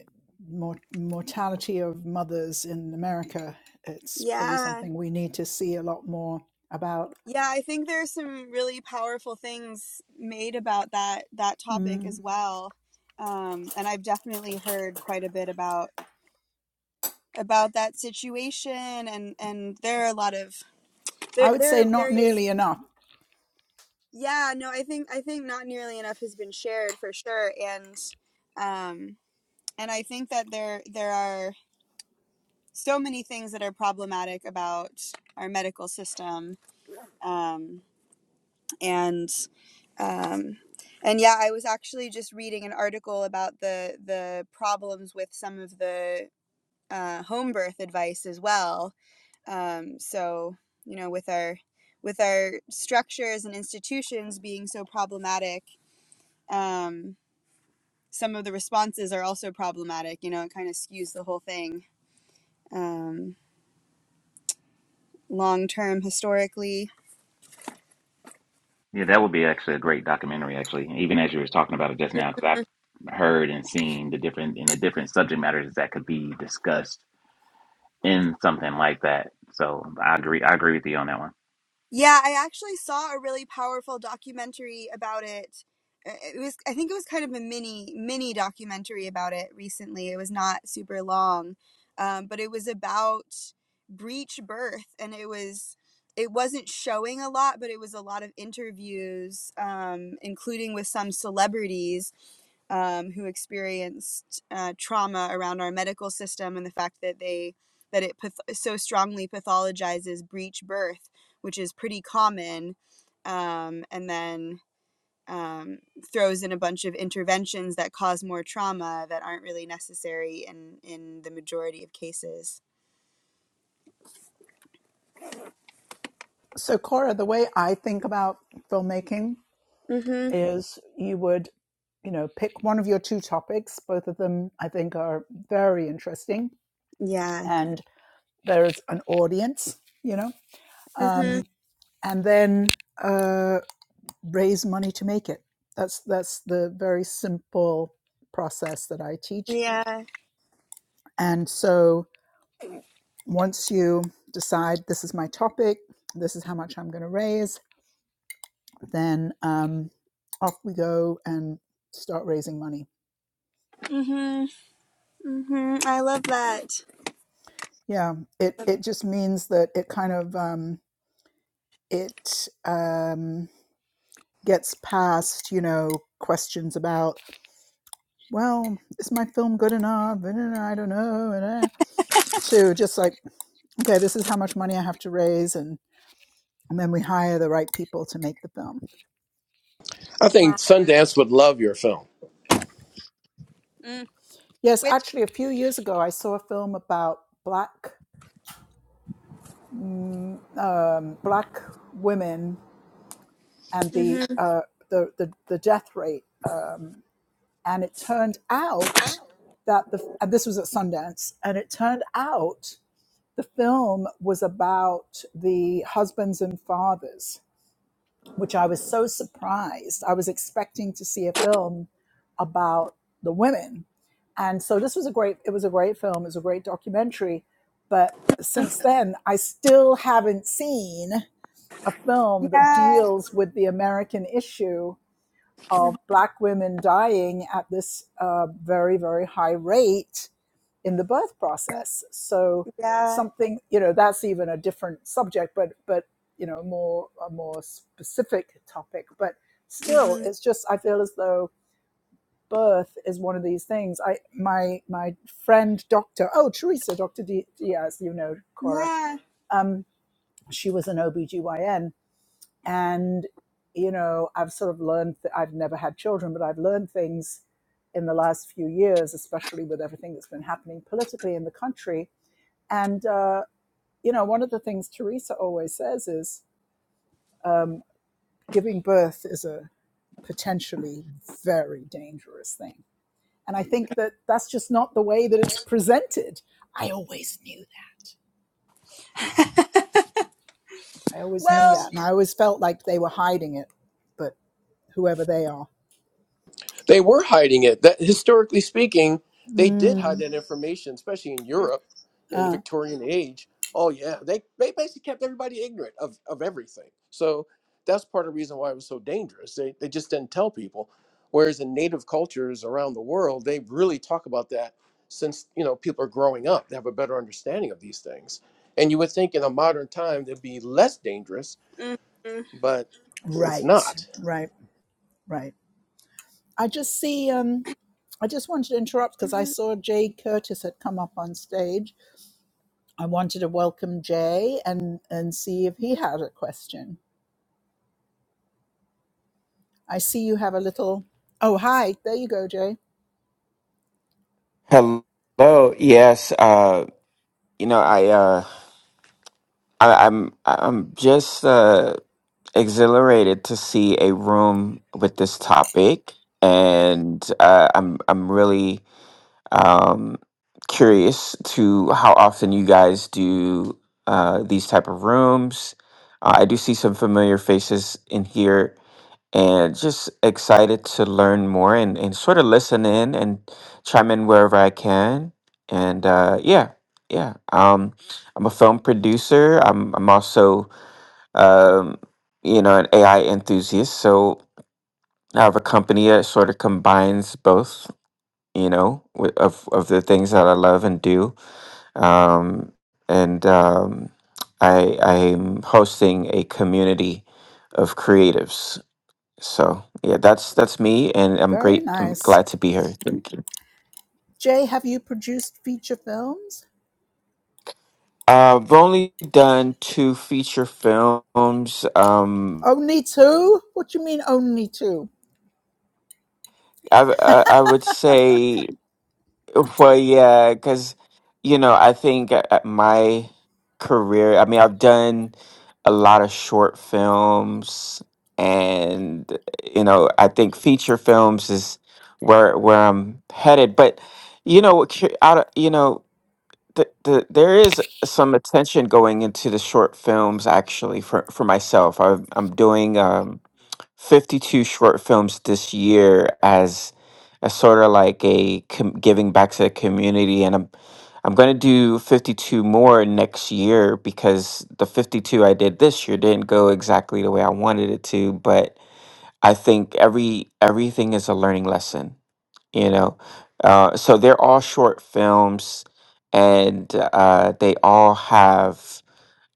[SPEAKER 1] mor- mortality of mothers in America, it's probably
[SPEAKER 6] Yeah,
[SPEAKER 1] something we need to see a lot more about.
[SPEAKER 6] Yeah, I think there's some really powerful things made about that that topic
[SPEAKER 1] Mm,
[SPEAKER 6] as well. Um, and I've definitely heard quite a bit about about that situation and and there are a lot of there
[SPEAKER 1] I would say
[SPEAKER 6] there are
[SPEAKER 1] not
[SPEAKER 6] various
[SPEAKER 1] nearly enough.
[SPEAKER 6] yeah, no, I think I think not nearly enough has been shared for sure and um and I think that there there are so many things that are problematic about our medical system. Um and um, and yeah, I was actually just reading an article about the the problems with some of the uh, home birth advice as well. Um, so you know, with our with our structures and institutions being so problematic, um, some of the responses are also problematic. You know, it kind of skews the whole thing um, long term historically
[SPEAKER 5] Yeah, that would be actually a great documentary. Actually, even as you were talking about it just now, because I have heard and seen the different in the different subject matters that could be discussed in something like that. So I agree. I agree with you on that one.
[SPEAKER 6] Yeah, I actually saw a really powerful documentary about it. Uh, It was, I think it was kind of a mini mini documentary about it recently. It was not super long, um, but it was about breech birth, and it was it wasn't showing a lot, but it was a lot of interviews, um, including with some celebrities um, who experienced uh, trauma around our medical system and the fact that they that it path- so strongly pathologizes breech birth which is pretty common, um, and then um, throws in a bunch of interventions that cause more trauma that aren't really necessary in in the majority of cases.
[SPEAKER 1] So, Cora, the way I think about filmmaking
[SPEAKER 6] Mhm.
[SPEAKER 1] is you would, you know, pick one of your two topics. Both of them, I think, are very interesting.
[SPEAKER 6] Yeah.
[SPEAKER 1] And there's an audience, you know,
[SPEAKER 6] Mhm.
[SPEAKER 1] um, and then. uh, raise money to make it. That's that's the very simple process that I teach.
[SPEAKER 6] Yeah.
[SPEAKER 1] And so once you decide this is my topic, this is how much I'm going to raise, then um, off we go and start raising money.
[SPEAKER 6] Mhm. Mhm. I love that.
[SPEAKER 1] Yeah, it it just means that it kind of um, it um, gets past you know questions about well is my film good enough and uh, I don't know to just like okay, this is how much money I have to raise, and, and then we hire the right people to make the film.
[SPEAKER 4] I think Sundance would love your film.
[SPEAKER 6] Mm.
[SPEAKER 1] Yes,
[SPEAKER 6] Which
[SPEAKER 1] actually, a few years ago, I saw a film about black mm, um, black women and the
[SPEAKER 6] Mhm.
[SPEAKER 1] uh, the, the the death rate, um, and it turned out that the and this was at Sundance, and it turned out the film was about the husbands and fathers which I was so surprised. I was expecting to see a film about the women. And so this was a great it was a great film, it was a great documentary, but since then I still haven't seen a film that
[SPEAKER 6] Yeah.
[SPEAKER 1] deals with the American issue of black women dying at this uh, very very high rate in the birth process. So
[SPEAKER 6] Yeah.
[SPEAKER 1] something, you know, that's even a different subject, but but you know, more a more specific topic. But still,
[SPEAKER 6] Mhm.
[SPEAKER 1] it's just I feel as though birth is one of these things. I my my friend Doctor Oh Teresa Doctor D- Diaz, you know Cora.
[SPEAKER 6] Yeah.
[SPEAKER 1] Um, she was an OBGYN and you know I've sort of learned that I've never had children, but I've learned things in the last few years, especially with everything that's been happening politically in the country and, uh, you know, one of the things Teresa always says is um, giving birth is a potentially very dangerous thing. And I think that that's just not the way that it's presented. I always knew that. I always knew
[SPEAKER 6] Well.
[SPEAKER 1] that. And I always felt like they were hiding it, but whoever they are.
[SPEAKER 4] They were hiding it. That historically speaking, they did hide
[SPEAKER 1] Mm,
[SPEAKER 4] that information, especially in Europe in the
[SPEAKER 1] uh,
[SPEAKER 4] Victorian age. Oh yeah, they they basically kept everybody ignorant of of everything. So that's part of the reason why it was so dangerous. They they just didn't tell people. Whereas in native cultures around the world, they really talk about that since you know people are growing up. They have a better understanding of these things. And you would think in a modern time they'd be less dangerous,
[SPEAKER 6] Mm, mm,
[SPEAKER 4] but it's
[SPEAKER 1] Right,
[SPEAKER 4] not.
[SPEAKER 1] right, right. I just see, um, I just wanted to interrupt because I
[SPEAKER 6] mhm.
[SPEAKER 1] saw Jade Curtis had come up on stage I wanted to welcome Jay and and see if he had a question. I see you have a little. Oh, hi. There you go, Jay.
[SPEAKER 7] Hello. Yes. Uh, you know, I, uh, I, I'm, I'm just uh, exhilarated to see a room with this topic, and uh, I'm, I'm really um, curious to how often you guys do uh, these type of rooms. Uh, I do see some familiar faces in here and just excited to learn more and, and sort of listen in and chime in wherever I can. And uh, yeah, yeah. Um, I'm a film producer. I'm I'm also um, you know an AI enthusiast. So I have a company that sort of combines both. You know, wi- of of the things that I love and do. Um, and um, I I'm hosting a community of creatives so yeah, that's that's me, and I'm
[SPEAKER 1] Very
[SPEAKER 7] great. I'm
[SPEAKER 1] nice.
[SPEAKER 7] glad to be here. Thank you.
[SPEAKER 1] Jay, have you produced feature films?
[SPEAKER 7] Uh, I've only done two feature films. Um,
[SPEAKER 1] Only two? What do you mean only two?
[SPEAKER 7] I I, I would say, well, yeah, because you know, I think uh, uh, my career. I mean, I've done a lot of short films, and you know, I think feature films is where where I'm headed. But you know, cu- out of you know. th- th- there is some attention going into the short films actually for, for myself I'm, I'm doing um, 52 short films this year as a sort of like a com- giving back to the community and i'm i'm going to do 52 more next year because the 52 i did this year didn't go exactly the way i wanted it to but i think every everything is a learning lesson you know uh, so they're all short films and uh, they all have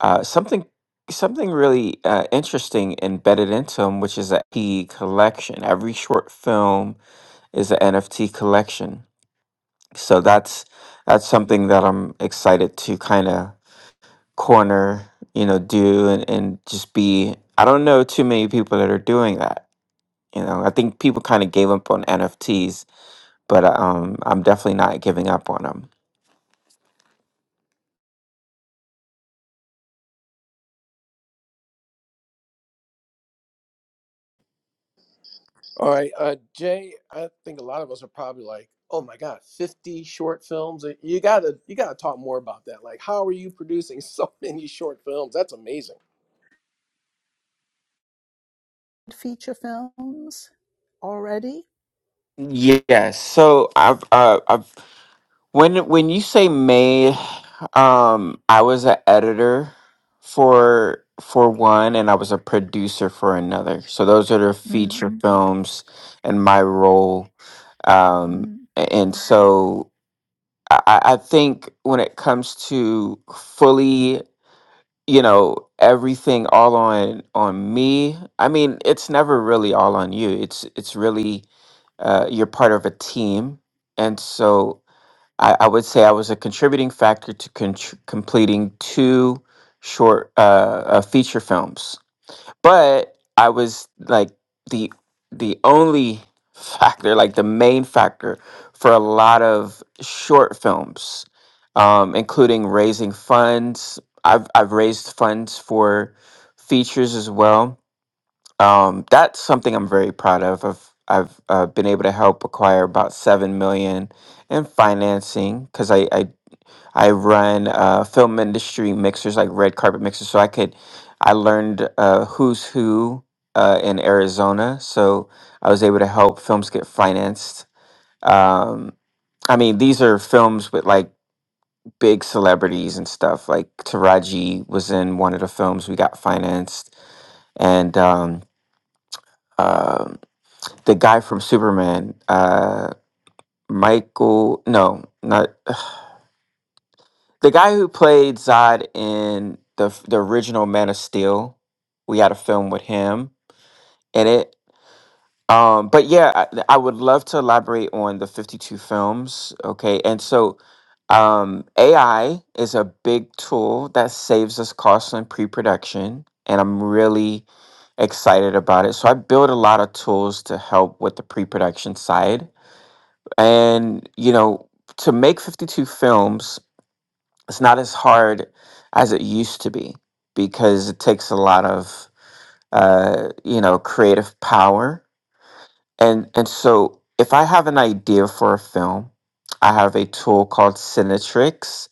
[SPEAKER 7] uh, something something really uh, interesting embedded into them which is a nft collection every short film is an nft collection so that's that's something that i'm excited to kind of corner you know do and, and just be i don't know too many people that are doing that you know i think people kind of gave up on nfts but um, I'm definitely not giving up on them.
[SPEAKER 4] All right, uh, Jay. I think a lot of us are probably like, "Oh my God, fifty short films! Uh, You gotta, you gotta talk more about that. Like, how are you producing *laughs* so many short films? That's amazing.
[SPEAKER 1] Feature films already?
[SPEAKER 7] Yes. So I've uh, I've when when you say made, um, I was an editor for for one, and I was a producer for another. So those are the
[SPEAKER 1] Mm,
[SPEAKER 7] feature Mhm. films and my role. Um,
[SPEAKER 1] mm.
[SPEAKER 7] a- and so I, I I think when it comes to fully you know everything all on on me i mean it's never really all on you it's it's really uh, you're part of a team and so I, I would say i was a contributing factor to contr completing two short uh, uh, feature films but I was like the the only factor, like the main factor for a lot of short films, um, including raising funds. I've I've raised funds for features as well. Um, that's something I'm very proud of. I've I've uh, been able to help acquire about seven million in financing because I, I I run uh, film industry mixers, like red carpet mixers. So I could, I learned uh, who's who uh, in Arizona. So I was able to help films get financed. Um, I mean, these are films with like big celebrities and stuff. Like Taraji was in one of the films we got financed, and um, um the guy from Superman, uh, Michael. No, not. The guy who played Zod in the the original Man of Steel, we had a film with him in it. Um, but yeah, I, I would love to elaborate on the fifty two films. Okay, and so um, AI is a big tool that saves us costs in pre production, and I'm really excited about it. So I build a lot of tools to help with the pre production side, and you know, to make fifty two films it's not as hard as it used to be because it takes a lot of uh, you know creative power and and so if I have an idea for a film, I have a tool called Cinetrix,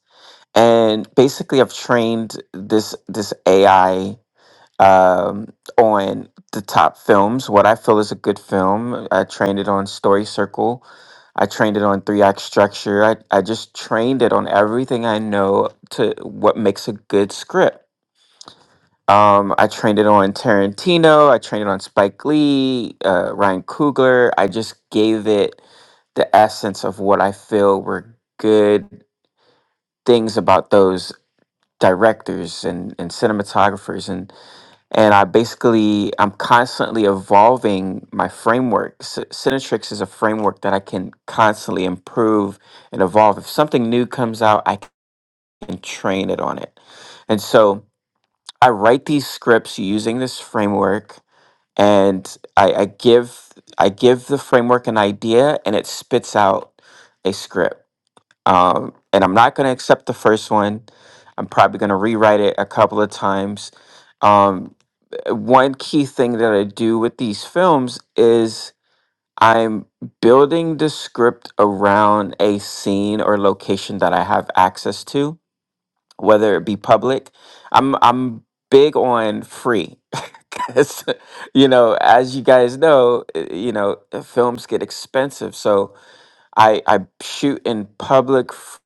[SPEAKER 7] and basically I've trained this this AI um, on the top films, what I feel is a good film. I trained it on Story Circle. I trained it on three act structure. I, I just trained it on everything I know to what makes a good script. Um, I trained it on Tarantino. I trained it on Spike Lee, uh, Ryan Coogler. I just gave it the essence of what I feel were good things about those directors and, and cinematographers. And and I basically I'm constantly evolving my framework. Sy- Synatrix is a framework that I can constantly improve and evolve. If something new comes out, I can train it on it. And so I write these scripts using this framework, and I, I give I give the framework an idea, and it spits out a script. Um, and I'm not going to accept the first one. I'm probably going to rewrite it a couple of times. Um, uh, one key thing that I do with these films is I'm building the script around a scene or location that I have access to, whether it be public. I'm I'm big on free. *laughs* Cause you know, as you guys know, uh, you know, uh, films get expensive. So I I shoot in public f-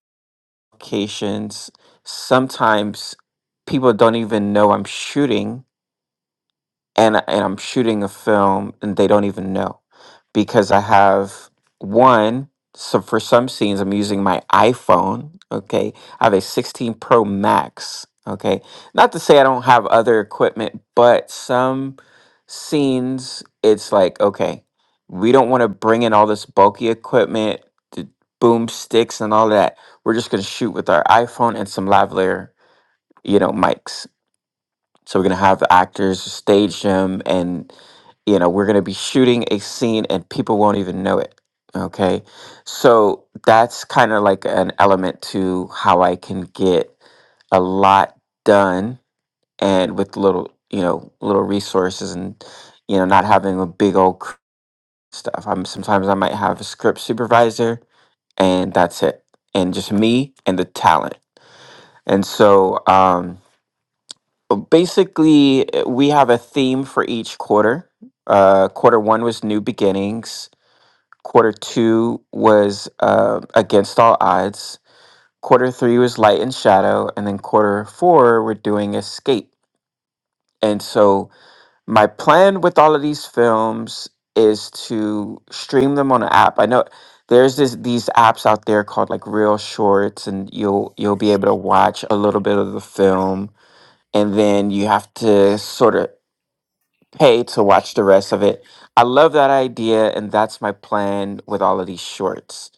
[SPEAKER 7] locations. Sometimes people don't even know I'm shooting and and I'm shooting a film and they don't even know because I have one so for some scenes I'm using my iPhone, okay? I have a 16 Pro Max, okay? Not to say I don't have other equipment, but some scenes it's like, okay, we don't want to bring in all this bulky equipment, the boom sticks and all that. We're just going to shoot with our iPhone and some lavalier, you know, mics so we're gonna have the actors stage them, and you know we're gonna be shooting a scene, and people won't even know it. Okay, so that's kind of like an element to how I can get a lot done, and with little, you know, little resources, and you know, not having a big old cr- stuff. I'm sometimes I might have a script supervisor, and that's it, and just me and the talent. And so, um, basically uh, we have a theme for each quarter uh quarter one was new beginnings quarter two was uh, against all odds quarter three was light and shadow and then quarter four we're doing escape and so my plan with all of these films is to stream them on an app i know there's this these apps out there called like real shorts and you'll you'll be able to watch a little bit of the film and then you have to sort of pay to watch the rest of it. I love that idea, and that's my plan with all of these shorts.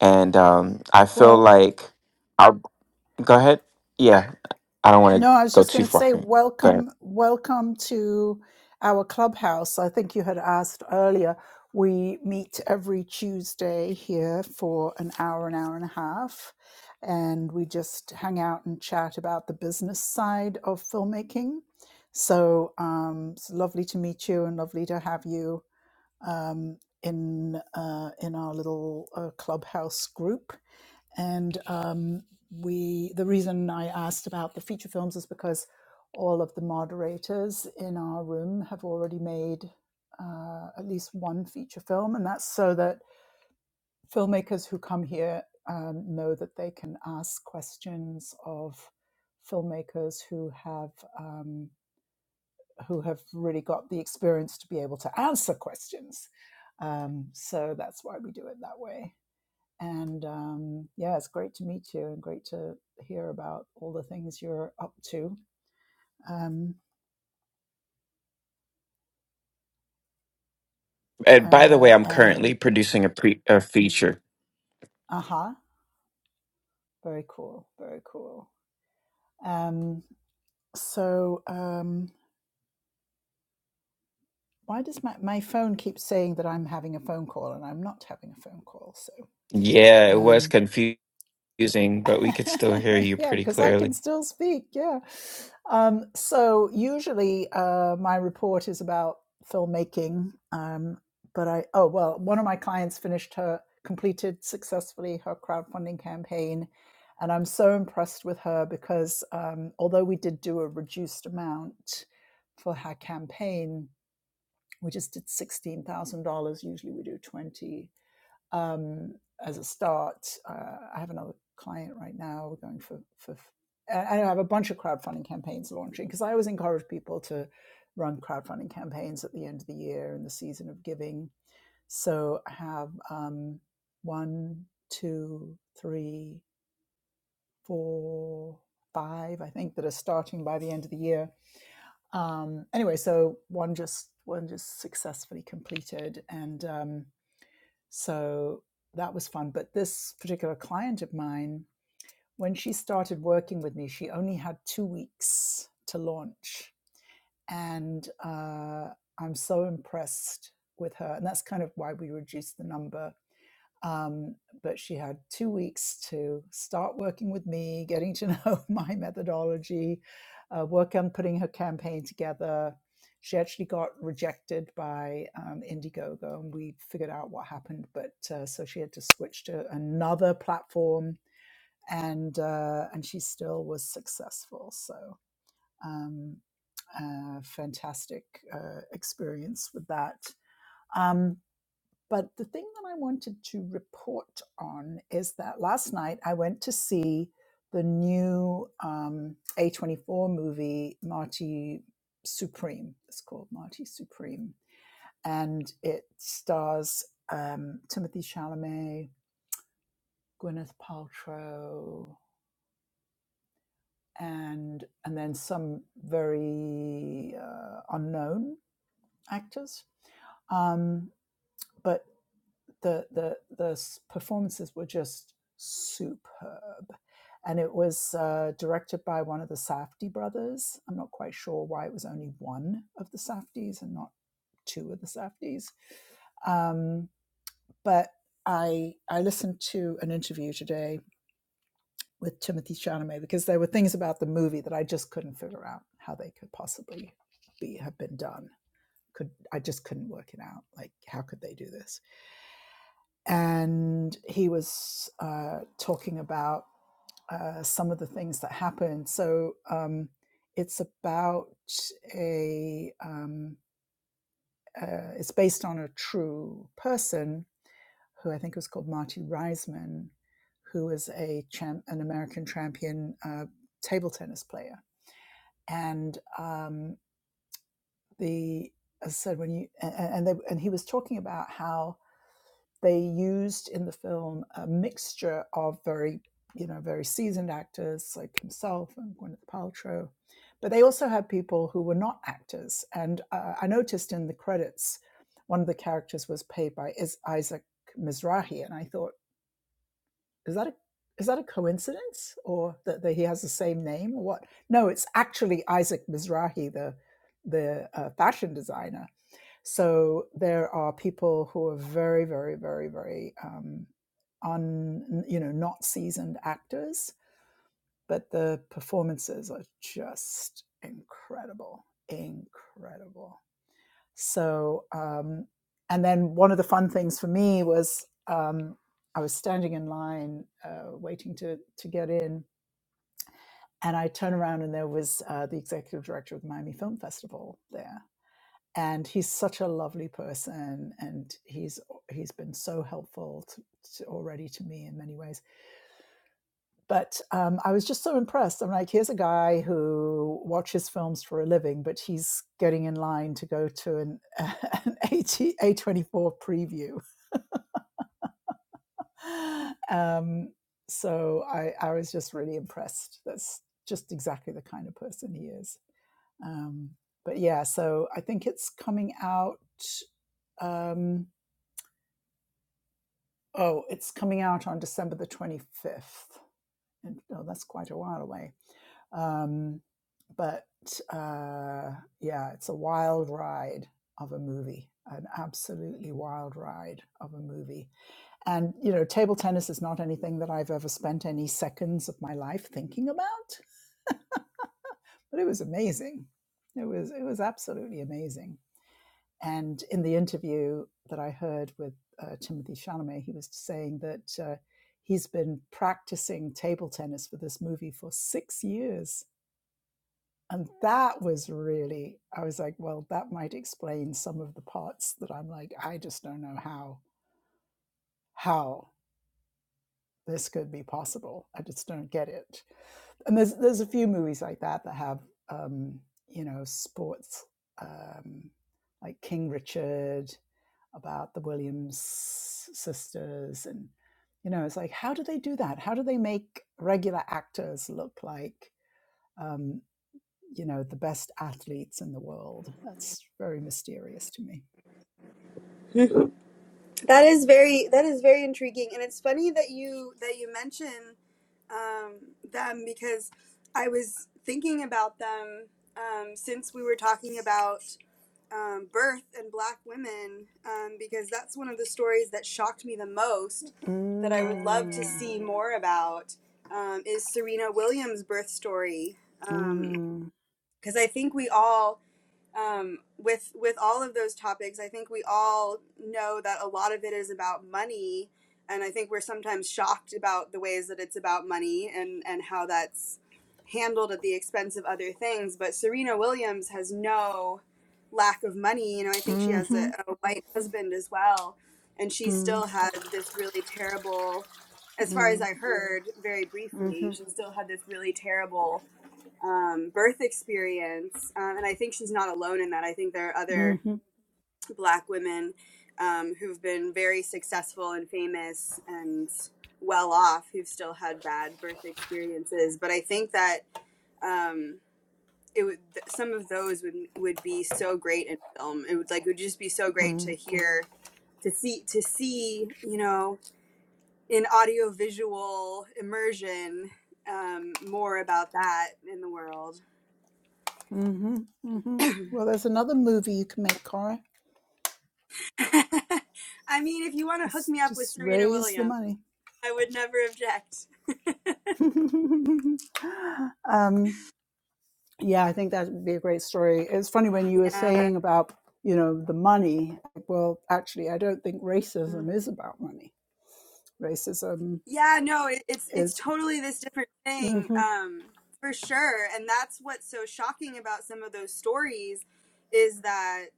[SPEAKER 7] And um, I feel
[SPEAKER 1] Well,
[SPEAKER 7] like I'll go ahead. Yeah, I don't want to
[SPEAKER 1] No, I was
[SPEAKER 7] go
[SPEAKER 1] just
[SPEAKER 7] too
[SPEAKER 1] going to
[SPEAKER 7] far.
[SPEAKER 1] say
[SPEAKER 7] Go ahead.
[SPEAKER 1] welcome, welcome to our clubhouse. I think you had asked earlier. We meet every Tuesday here for an hour, an hour and a half, and we just hang out and chat about the business side of filmmaking. So um, it's lovely to meet you and lovely to have you um, in uh, in our little uh, clubhouse group, and um, we the reason I asked about the feature films is because all of the moderators in our room have already made uh, at least one feature film, and that's so that filmmakers who come here um, know that they can ask questions of filmmakers who have. Um, who have really got the experience to be able to answer questions. Um, so that's why we do it that way. And um, yeah, it's great to meet you and great to hear about all the things you're up to. Um,
[SPEAKER 7] And by the
[SPEAKER 1] uh,
[SPEAKER 7] way, I'm currently
[SPEAKER 1] and
[SPEAKER 7] producing a pre a feature.
[SPEAKER 1] aha, uh-huh, very cool, very cool. Um, so um, why does my, my phone keep saying that I'm having a phone call and I'm not having a phone call? So
[SPEAKER 7] Yeah, it was
[SPEAKER 1] um,
[SPEAKER 7] confusing, but we could still
[SPEAKER 1] *laughs*
[SPEAKER 7] hear you
[SPEAKER 1] yeah,
[SPEAKER 7] pretty
[SPEAKER 1] because I
[SPEAKER 7] clearly.
[SPEAKER 1] can still speak. Yeah. Um, so usually uh, my report is about filmmaking. Um, but I, oh, well, one of my clients finished her, completed successfully her crowdfunding campaign. And I'm so impressed with her because um, although we did do a reduced amount for her campaign, we just did $16,000. Usually we do 20 um, as a start. Uh, I have another client right now. We're going for for. I have a bunch of crowdfunding campaigns launching because I always encourage people to run crowdfunding campaigns at the end of the year and the season of giving. So I have um, one, two, three, four, five. I think that are starting by the end of the year. Um, anyway, so one just one just successfully completed and. Um, so that was fun. But this particular client of mine, when she started working with me, she only had two weeks to launch. And uh, I'm so impressed with her. And that's kind of why we reduced the number um, but she had two weeks to start working with me, getting to know *laughs* my methodology, uh, work on putting her campaign together. She actually got rejected by um, Indiegogo, and we figured out what happened. But uh, so she had to switch to another platform, and uh, and she still was successful. So um, uh, fantastic uh, experience with that. Um, but the thing that I wanted to report on is that last night I went to see the new um, A24 movie, Marty Supreme. It's called Marty Supreme. And it stars um, Timothy Chalamet, Gwyneth Paltrow, and, and then some very uh, unknown actors. Um, but the the the performances were just superb, and it was uh, directed by one of the Safdie brothers. I'm not quite sure why it was only one of the Safdies and not two of the Safdies, um, but I I listened to an interview today with Timothy Chalamet because there were things about the movie that I just couldn't figure out how they could possibly be have been done. Could I just couldn't work it out? Like how could they do this? and he was uh, talking about uh, some of the things that happened. So um, it's about a um, uh, it's based on a true person who I think was called Marty Reisman, who was a champ, an American champion uh, table tennis player, and um, the as I said when you and and, they, and he was talking about how They used in the film a mixture of very, you know, very seasoned actors like himself and Gwyneth Paltrow, but they also had people who were not actors. And uh, I noticed in the credits, one of the characters was played by is Isaac Mizrahi, and I thought, is that a is that a coincidence or that, that he has the same name or what? No, it's actually Isaac Mizrahi, the the uh, fashion designer so there are people who are very, very, very, very um, un, you know, not seasoned actors, but the performances are just incredible, incredible. So, um, and then one of the fun things for me was um, I was standing in line uh, waiting to to get in, and I turn around and there was uh, the executive director of the Miami Film Festival there and he's such a lovely person and he's he's been so helpful to, to already to me in many ways but um, i was just so impressed i'm like here's a guy who watches films for a living but he's getting in line to go to an, *laughs* an A24 preview um, so I, I was just really impressed that's just exactly the kind of person he is um, but yeah so i think it's coming out um, Oh, it's coming out on December the 25th. And oh, that's quite a while away. Um, but uh, yeah, it's a wild ride of a movie, an absolutely wild ride of a movie. And, you know, table tennis is not anything that I've ever spent any seconds of my life thinking about, but it was amazing. It was it was absolutely amazing. And in the interview that I heard with uh, Timothy Chalamet, he was saying that uh, he's been practicing table tennis for this movie for six years. And that was really, I was like, well, that might explain some of the parts that I'm like, I just don't know how, how this could be possible. I just don't get it. and there's there's a few movies like that that have um, you know sports um, like King Richard about the Williams sisters and you know it's like how do they do that how do they make regular actors look like um, you know the best athletes in the world that's very mysterious to me
[SPEAKER 6] That is very that is very intriguing, and it's funny that you that you mention um, them because I was thinking about them um, since we were talking about um, birth and black women, um, because that's one of the stories that shocked me the most that I would love to
[SPEAKER 1] Mm,
[SPEAKER 6] see more about um, is Serena Williams' birth story. Because
[SPEAKER 1] mm,
[SPEAKER 6] I think we all um, with with all of those topics, I think we all know that a lot of it is about money, and I think we're sometimes shocked about the ways that it's about money and and how that's handled at the expense of other things. But Serena Williams has no lack of money. You know, I think she has a,
[SPEAKER 1] mhm,
[SPEAKER 6] a white husband as well, and she
[SPEAKER 1] mm,
[SPEAKER 6] still had this really terrible. As far as
[SPEAKER 1] mm,
[SPEAKER 6] I heard, very briefly, she still had this really terrible um, birth experience. Um, and I think she's not alone in that. I think there are other
[SPEAKER 1] mhm,
[SPEAKER 6] black women um, who've been very successful and famous and well off who've still had bad birth experiences. But I think that. Um, it would some of those would would be so great in film. It would like it would just be so great
[SPEAKER 1] mhm,
[SPEAKER 6] to hear to see to see you know in audiovisual immersion um, more about that in the world.
[SPEAKER 1] Mm-hmm. Mm-hmm. Well, there's another movie you can make, Cora.
[SPEAKER 6] *laughs* I mean, if you want to hook
[SPEAKER 1] Just
[SPEAKER 6] me up with
[SPEAKER 1] just
[SPEAKER 6] Serena
[SPEAKER 1] raise the
[SPEAKER 6] Williams,
[SPEAKER 1] money.
[SPEAKER 6] I would never object.
[SPEAKER 1] *laughs* um, yeah, I think that would be a great story. It's funny when you were
[SPEAKER 6] Yeah.
[SPEAKER 1] saying about you know the money. like, Well, actually, I don't think racism is about money. Racism
[SPEAKER 6] Yeah, no, it, it's it's
[SPEAKER 1] is.
[SPEAKER 6] totally this different thing,
[SPEAKER 1] hmm
[SPEAKER 6] um, for sure. And that's what's so shocking about some of those stories is that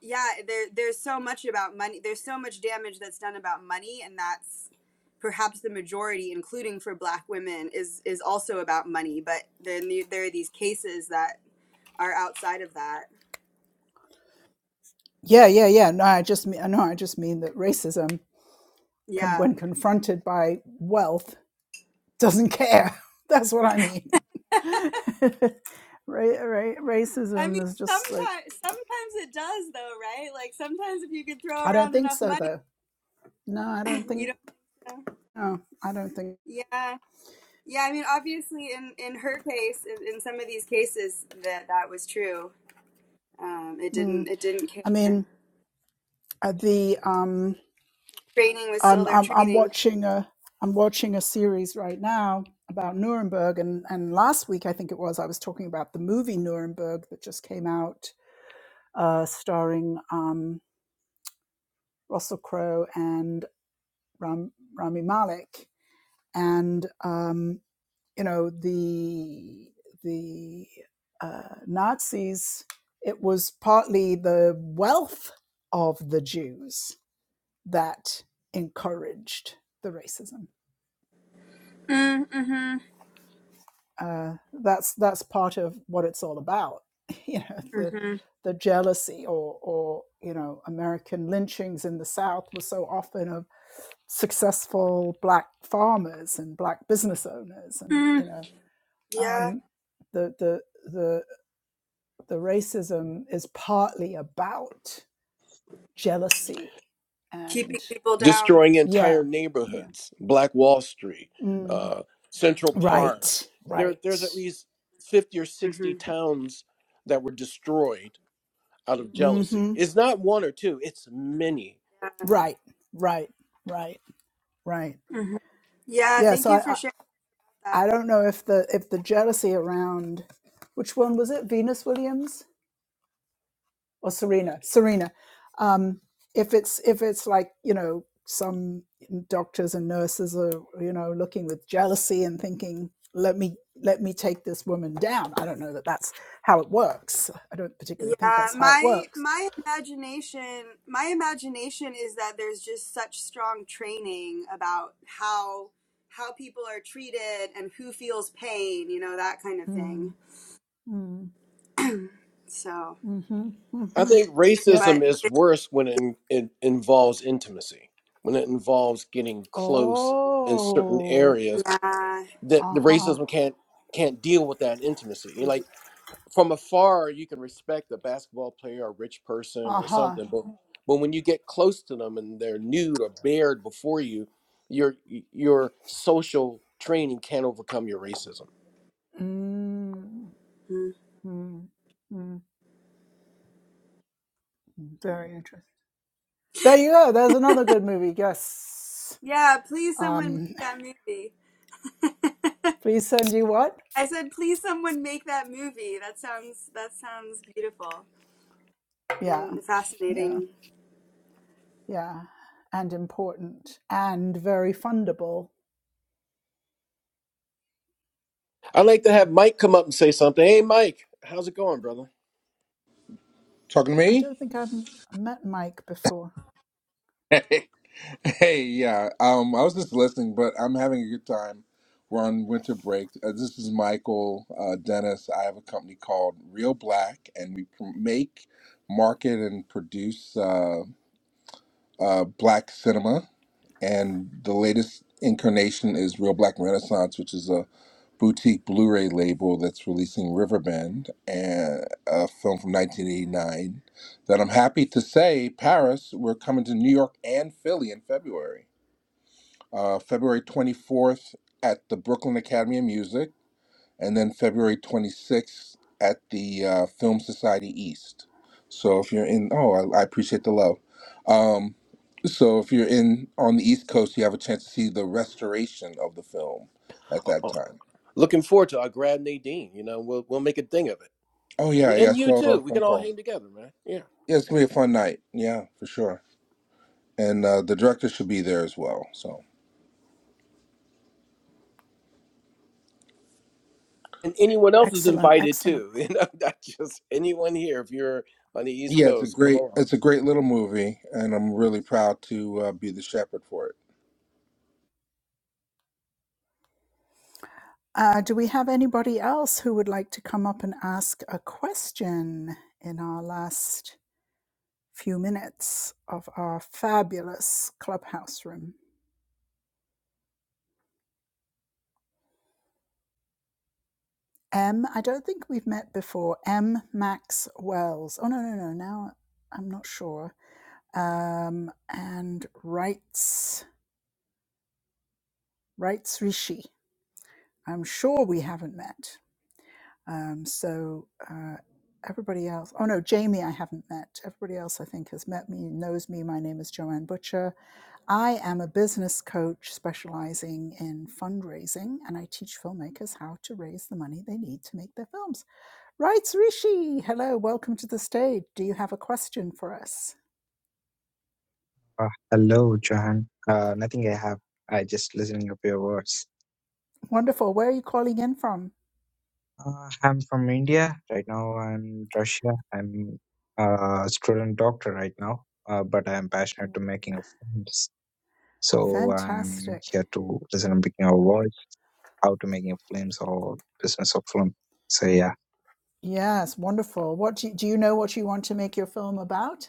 [SPEAKER 6] yeah, there there's so much about money. There's so much damage that's done about money, and that's perhaps the majority, including for Black women, is is also about money. But then there are these cases that are outside of that.
[SPEAKER 1] Yeah, yeah, yeah. No, I just mean no, I just mean that racism, can,
[SPEAKER 6] Yeah.
[SPEAKER 1] when confronted by wealth, doesn't care. *laughs* That's what I mean *laughs* Ra- ra-
[SPEAKER 6] I
[SPEAKER 1] racism
[SPEAKER 6] mean,
[SPEAKER 1] is just like
[SPEAKER 6] sometimes sometimes it does though, right? Like sometimes if you could throw
[SPEAKER 1] I don't
[SPEAKER 6] around
[SPEAKER 1] think
[SPEAKER 6] enough
[SPEAKER 1] so
[SPEAKER 6] money,
[SPEAKER 1] though. No, I
[SPEAKER 6] *clears throat*
[SPEAKER 1] don't think.
[SPEAKER 6] you don't know.
[SPEAKER 1] No, I don't think.
[SPEAKER 6] Yeah. Yeah, I mean, obviously in in her case, in, in some of these cases that that was true. Um, it
[SPEAKER 1] Mm.
[SPEAKER 6] didn't it didn't
[SPEAKER 1] I
[SPEAKER 6] care.
[SPEAKER 1] mean, uh, the um,
[SPEAKER 6] Training was still
[SPEAKER 1] I'm
[SPEAKER 6] their
[SPEAKER 1] I'm I'm
[SPEAKER 6] training.
[SPEAKER 1] watching a I'm watching a series right now about Nuremberg, and and last week I think it was I was talking about the movie Nuremberg that just came out, uh, starring um Russell Crowe and Ram, Rami Malek, and um you know the the uh, Nazis. It was partly the wealth of the Jews that encouraged the racism.
[SPEAKER 6] Mm, mm-hmm.
[SPEAKER 1] Uh, that's that's part of what it's all about. *laughs* You know the
[SPEAKER 6] Mm-hmm.
[SPEAKER 1] the jealousy or or you know American lynchings in the South were so often of successful black farmers and black business owners and
[SPEAKER 6] Mm.
[SPEAKER 1] you know
[SPEAKER 6] Yeah,
[SPEAKER 1] um, the the the the racism is partly about jealousy
[SPEAKER 6] keeping
[SPEAKER 1] and
[SPEAKER 6] people down.
[SPEAKER 4] Destroying entire
[SPEAKER 1] yeah yeah
[SPEAKER 4] neighborhoods, Black Wall Street,
[SPEAKER 1] mm.
[SPEAKER 4] uh, Central Park.
[SPEAKER 1] right
[SPEAKER 4] There, there's
[SPEAKER 1] right
[SPEAKER 4] at least fifty or sixty
[SPEAKER 6] hmm
[SPEAKER 4] towns that were destroyed out of jealousy.
[SPEAKER 1] hmm
[SPEAKER 4] It's not one or two; it's many
[SPEAKER 1] right right right right
[SPEAKER 6] Mm-hmm. Yeah,
[SPEAKER 1] yeah
[SPEAKER 6] thank
[SPEAKER 1] so
[SPEAKER 6] you for
[SPEAKER 1] I,
[SPEAKER 6] sharing that.
[SPEAKER 1] I i don't know if the if the jealousy around which one was it venus williams or Serena, Serena. Um, if it's if it's like you know some doctors and nurses are you know looking with jealousy and thinking let me let me take this woman down. I don't know that that's how it works. I don't particularly think
[SPEAKER 6] Yeah,
[SPEAKER 1] that's how it
[SPEAKER 6] my
[SPEAKER 1] works.
[SPEAKER 6] my imagination my imagination is that there's just such strong training about how how people are treated and who feels pain, you know, that kind of thing.
[SPEAKER 1] Mm, mm,
[SPEAKER 6] So,
[SPEAKER 1] mm-hmm,
[SPEAKER 4] I
[SPEAKER 1] mm-hmm.
[SPEAKER 4] think
[SPEAKER 1] Yep.
[SPEAKER 6] but
[SPEAKER 4] racism is
[SPEAKER 6] but
[SPEAKER 4] worse when it, in, it involves intimacy, when it involves getting close in certain
[SPEAKER 1] Oh.
[SPEAKER 4] areas
[SPEAKER 6] yeah.
[SPEAKER 4] that
[SPEAKER 1] Uh
[SPEAKER 4] the
[SPEAKER 1] huh.
[SPEAKER 4] racism can't can't deal with that intimacy. You know, like from afar you can respect a basketball player or a rich person
[SPEAKER 1] Uh
[SPEAKER 4] or
[SPEAKER 1] huh.
[SPEAKER 4] something but Mhm. but when you get close to them and they're nude or bared before you your your social training can't overcome your racism
[SPEAKER 6] Mhm.
[SPEAKER 1] Mm, mm, very interesting. There you go. There's another good movie. Yes.
[SPEAKER 6] Yeah, please someone
[SPEAKER 1] Um,
[SPEAKER 6] make that movie.
[SPEAKER 1] please send you what?
[SPEAKER 6] I said please someone make that movie. That sounds that sounds beautiful
[SPEAKER 1] Yeah,
[SPEAKER 6] and
[SPEAKER 1] yeah,
[SPEAKER 6] fascinating.
[SPEAKER 1] yeah. And important and very fundable.
[SPEAKER 4] i'd like to have mike come up and say something hey mike how's it going brother
[SPEAKER 8] Talking to
[SPEAKER 1] I
[SPEAKER 8] me?
[SPEAKER 1] don't think I've m- met Mike before.
[SPEAKER 8] *laughs* Hey, hey, yeah. Um, I was just listening, but I'm having a good time. We're on winter break. Uh, this is Michael uh, Dennis. I have a company called Real Black, and we pr- make, market, and produce uh, uh, black cinema. and the latest incarnation is Real Black Renaissance, which is a boutique Blu-ray label that's releasing Riverbend, and a film from 1989 that I'm happy to say, Paris, we're coming to New York and Philly in February. Uh, February 24th at the Brooklyn Academy of Music and then February 26th at the uh, Film Society East. So if you're in, oh, I, I appreciate the love. Um, so if you're in on the East Coast, you have a chance to see the restoration of the film at
[SPEAKER 4] Uh,
[SPEAKER 8] that
[SPEAKER 4] uh,
[SPEAKER 8] time.
[SPEAKER 4] looking forward to i grab nadine you know we'll, we'll make a thing of it
[SPEAKER 8] Oh yeah, yeah, I
[SPEAKER 4] And you
[SPEAKER 8] saw
[SPEAKER 4] too.
[SPEAKER 8] a
[SPEAKER 4] We
[SPEAKER 8] phone
[SPEAKER 4] can all
[SPEAKER 8] call.
[SPEAKER 4] hang together, man. Yeah.
[SPEAKER 8] Yeah, it's gonna be a fun night. Yeah, for sure. And uh, the director should be there as well. So
[SPEAKER 4] And anyone else is
[SPEAKER 1] Excellent,
[SPEAKER 4] invited
[SPEAKER 1] excellent.
[SPEAKER 4] too. *laughs* You know, not just anyone here. If you're on the East
[SPEAKER 8] yeah, it's a
[SPEAKER 4] Coast, come
[SPEAKER 8] great,
[SPEAKER 4] along.
[SPEAKER 8] it's a great little movie, and I'm really proud to uh, be the shepherd for it.
[SPEAKER 1] Uh, do we have anybody else who would like to come up and ask a question in our last few minutes of our fabulous clubhouse room? M, I don't think we've met before. M. Max Wells. Oh, no, no, no. Now I'm not sure. Um, and Wrights, Wrights Rishi. I'm sure we haven't met. Um, so uh, everybody else. Oh, no, Jamie, I haven't met. Everybody else, I think, has met me, knows me. My name is Joanne Butcher. I am a business coach specializing in fundraising, and I teach filmmakers how to raise the money they need to make their films. Right, Rishi. Hello, welcome to the stage. Do you have a question for us?
[SPEAKER 9] Uh, hello, Johan. Uh, nothing I have. I just listening up your words.
[SPEAKER 1] Wonderful. Where are you calling in from?
[SPEAKER 9] Uh, I'm from India right now. I'm Russia. I'm a student doctor right now, uh, but I'm passionate to making of films. So I'm
[SPEAKER 1] Fantastic.
[SPEAKER 9] here to listen and picking our voice, how to making of films or business of film. So yeah,
[SPEAKER 1] Yes, wonderful. What do you, do you know what you want to make your film about?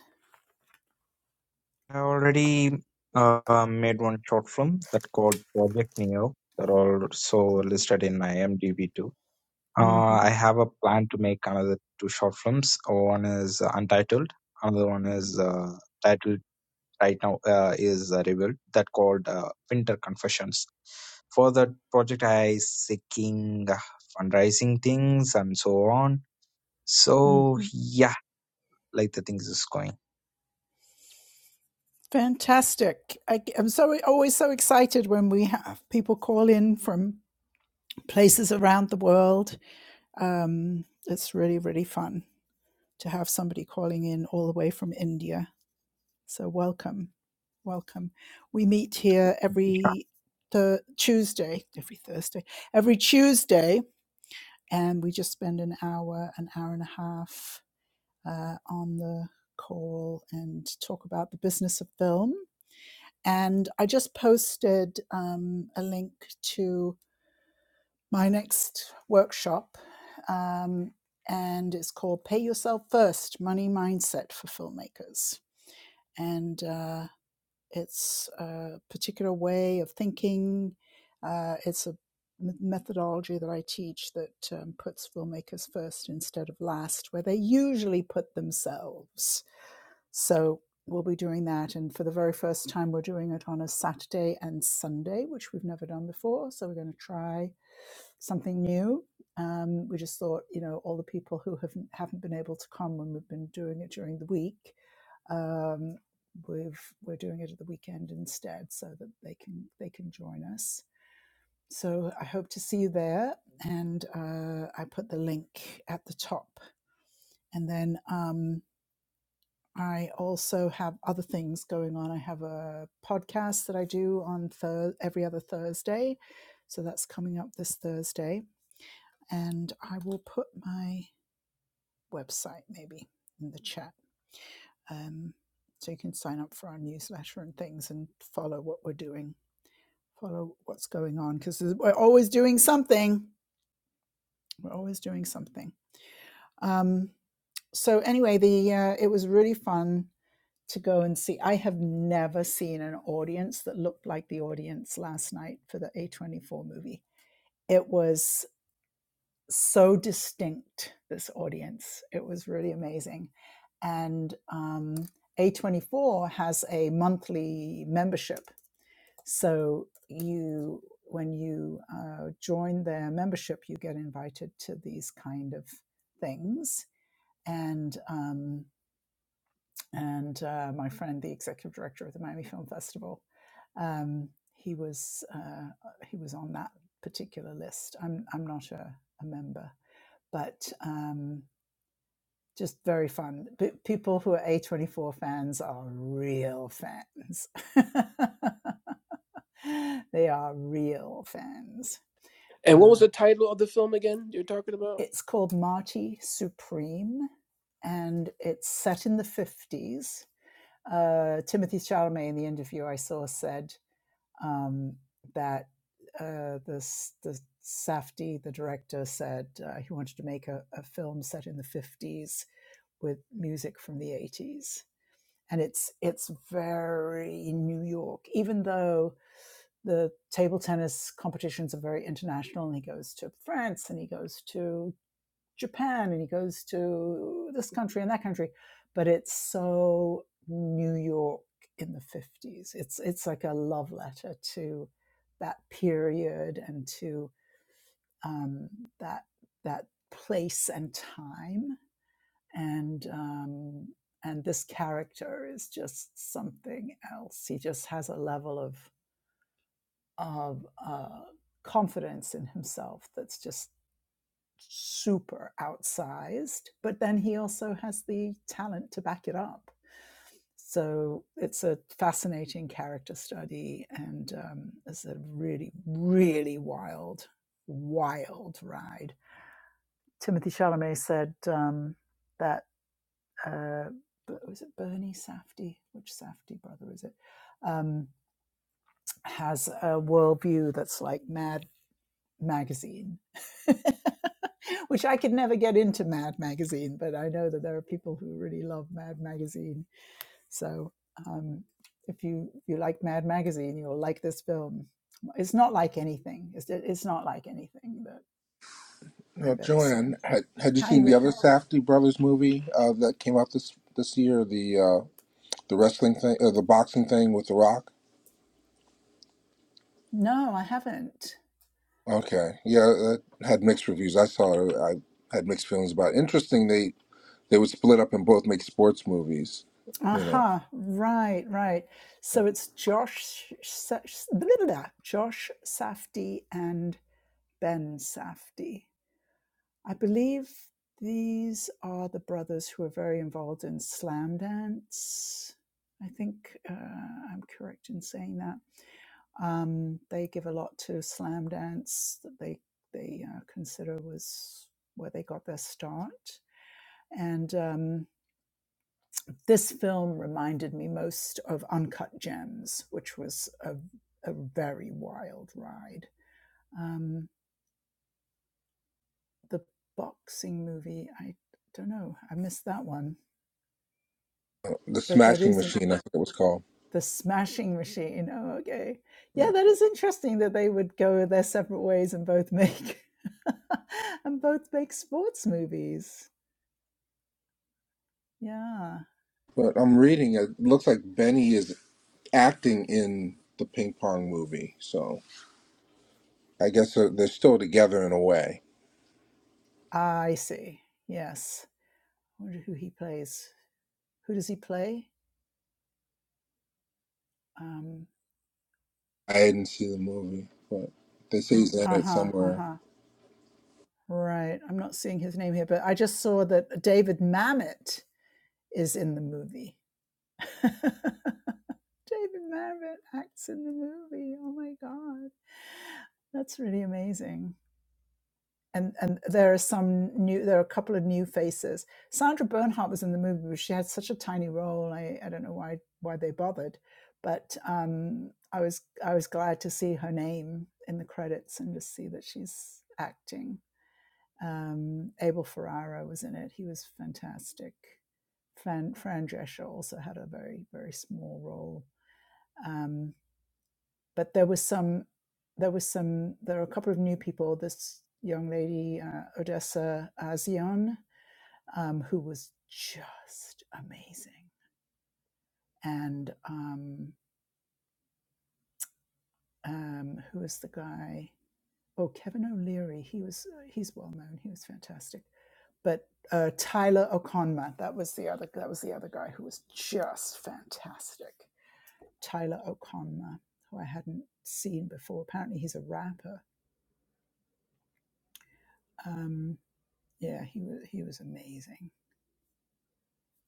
[SPEAKER 9] I already uh, made one short film that called Project Neo that also listed in my IMDb too. Uh,
[SPEAKER 1] Mm-hmm.
[SPEAKER 9] I have a plan to make another two short films. One is uh, Untitled. Another one is uh, titled right now uh, is uh, revealed that called uh, Winter Confessions. For that project, I seeking uh, fundraising things and so on. So
[SPEAKER 1] Mm-hmm.
[SPEAKER 9] yeah, like the things is going.
[SPEAKER 1] Fantastic. I, am so always so excited when we have people call in from places around the world. Um, it's really, really fun to have somebody calling in all the way from India. So welcome, welcome. We meet here every th- Tuesday, every Thursday, every Tuesday, and we just spend an hour, an hour and a half uh, on the call and talk about the business of film. And I just posted um, a link to my next workshop. Um, and it's called Pay Yourself First Money Mindset for Filmmakers. And uh, it's a particular way of thinking. Uh, it's a methodology that I teach that um, puts filmmakers first instead of last, where they usually put themselves. So we'll be doing that. And for the very first time, we're doing it on a Saturday and Sunday, which we've never done before. So we're going to try something new. Um, we just thought, you know, all the people who haven't, haven't been able to come when we've been doing it during the week, um, we've, we're doing it at the weekend instead so that they can, they can join us. So I hope to see you there. And uh, I put the link at the top. And then. um, I also have other things going on. I have a podcast that I do on thir- every other Thursday. So that's coming up this Thursday. And I will put my website maybe in the chat. Um, so you can sign up for our newsletter and things and follow what we're doing, follow what's going on, because we're always doing something. We're always doing something. Um, so anyway, the uh, it was really fun to go and see. I have never seen an audience that looked like the audience last night for the A24 movie. It was so distinct, this audience. It was really amazing. And um, A24 has a monthly membership. So you, when you uh, join their membership, you get invited to these kind of things. And um, and uh, my friend, the executive director of the Miami Film Festival, um, he was uh, he was on that particular list. I'm I'm not a, a member, but um, just very fun. P- people who are A24 fans are real fans. *laughs* they are real fans.
[SPEAKER 4] And what was
[SPEAKER 1] Uh,
[SPEAKER 4] the title of the film again you're talking about?
[SPEAKER 1] it's called Marty Supreme, and it's set in the 50s uh, Timothy Chalamet in the interview I saw said um, that uh, this the Safdie, the director, said uh, he wanted to make a, a film set in the fifties with music from the eighties, and it's it's very New York, even though the table tennis competitions are very international and he goes to france and he goes to Japan and he goes to this country and that country. But it's so New York in the 50s. It's, it's like a love letter to that period and to um, that, that place and time. And, um, and this character is just something else. He just has a level of, of uh, confidence in himself that's just super outsized, but then he also has the talent to back it up. So it's a fascinating character study, and um, it's a really, really wild, wild ride. Timothy Chalamet said um, that uh, was it Bernie Safdie? Which Safdie brother is it? Um, has a worldview that's like mad magazine, *laughs* which I could never get into Mad magazine, but I know that there are people who really love Mad magazine. So um, if you you like Mad magazine, you'll like this film. It's not like anything. It's it's not like anything that
[SPEAKER 8] Uh,
[SPEAKER 1] I've ever seen.
[SPEAKER 8] Joanne, had, had you
[SPEAKER 1] Hi,
[SPEAKER 8] seen the
[SPEAKER 1] Ri-
[SPEAKER 8] other Safdie brothers movie uh, that came out this this year? The uh, the wrestling thing, uh, the boxing thing with The Rock.
[SPEAKER 1] no, I haven't.
[SPEAKER 8] Okay, yeah, that had mixed reviews. I saw it. I had mixed feelings about. It. Interesting, they they would split up and both make sports movies. You
[SPEAKER 1] Aha,
[SPEAKER 8] know,
[SPEAKER 1] uh-huh, right, right. So it's Josh, Sa- Josh Safdie and Ben Safdie. I believe these are the brothers who are very involved in slam dance. I think uh, I'm correct in saying that. Um, they give a lot to slam dance that they they uh, consider was where they got their start. And um, this film reminded me most of Uncut Gems, which was a, a very wild ride. Um, the boxing movie, I don't know, I missed that one
[SPEAKER 8] the
[SPEAKER 1] but that
[SPEAKER 8] Smashing
[SPEAKER 1] isn't
[SPEAKER 8] Machine, I think it was called.
[SPEAKER 1] the smashing machine. Oh, okay. Yeah,
[SPEAKER 8] Yeah,
[SPEAKER 1] that is interesting that they would go their separate ways and both make *laughs* and both make sports movies. Yeah.
[SPEAKER 8] but I'm reading. It looks like Benny is acting in the ping pong movie, so I guess they're, they're still together in a way.
[SPEAKER 1] I see. Yes. I wonder who he plays. Who does he play? Um
[SPEAKER 8] I didn't see the movie, but they say he's in it
[SPEAKER 1] uh-huh,
[SPEAKER 8] somewhere.
[SPEAKER 1] uh-huh. Right. I'm not seeing his name here, but I just saw that David Mamet is in the movie. *laughs* David Mamet acts in the movie. Oh my god, that's really amazing. And and there are some new. There are a couple of new faces. Sandra Bernhardt was in the movie, but she had such a tiny role. I, I don't know why why they bothered, but um, I was I was glad to see her name in the credits and just see that she's acting. Um, Abel Ferrara was in it. He was fantastic. Fran Fran Drescher also had a very very small role. Um but there was some there was some there are a couple of new people this young lady uh, odessa azion um, who was just amazing and um, um, who is the guy oh kevin o'leary he was uh, he's well known he was fantastic but uh, tyler o'conma that was the other that was the other guy who was just fantastic tyler o'conma who i hadn't seen before apparently he's a rapper Um, yeah he was he was amazing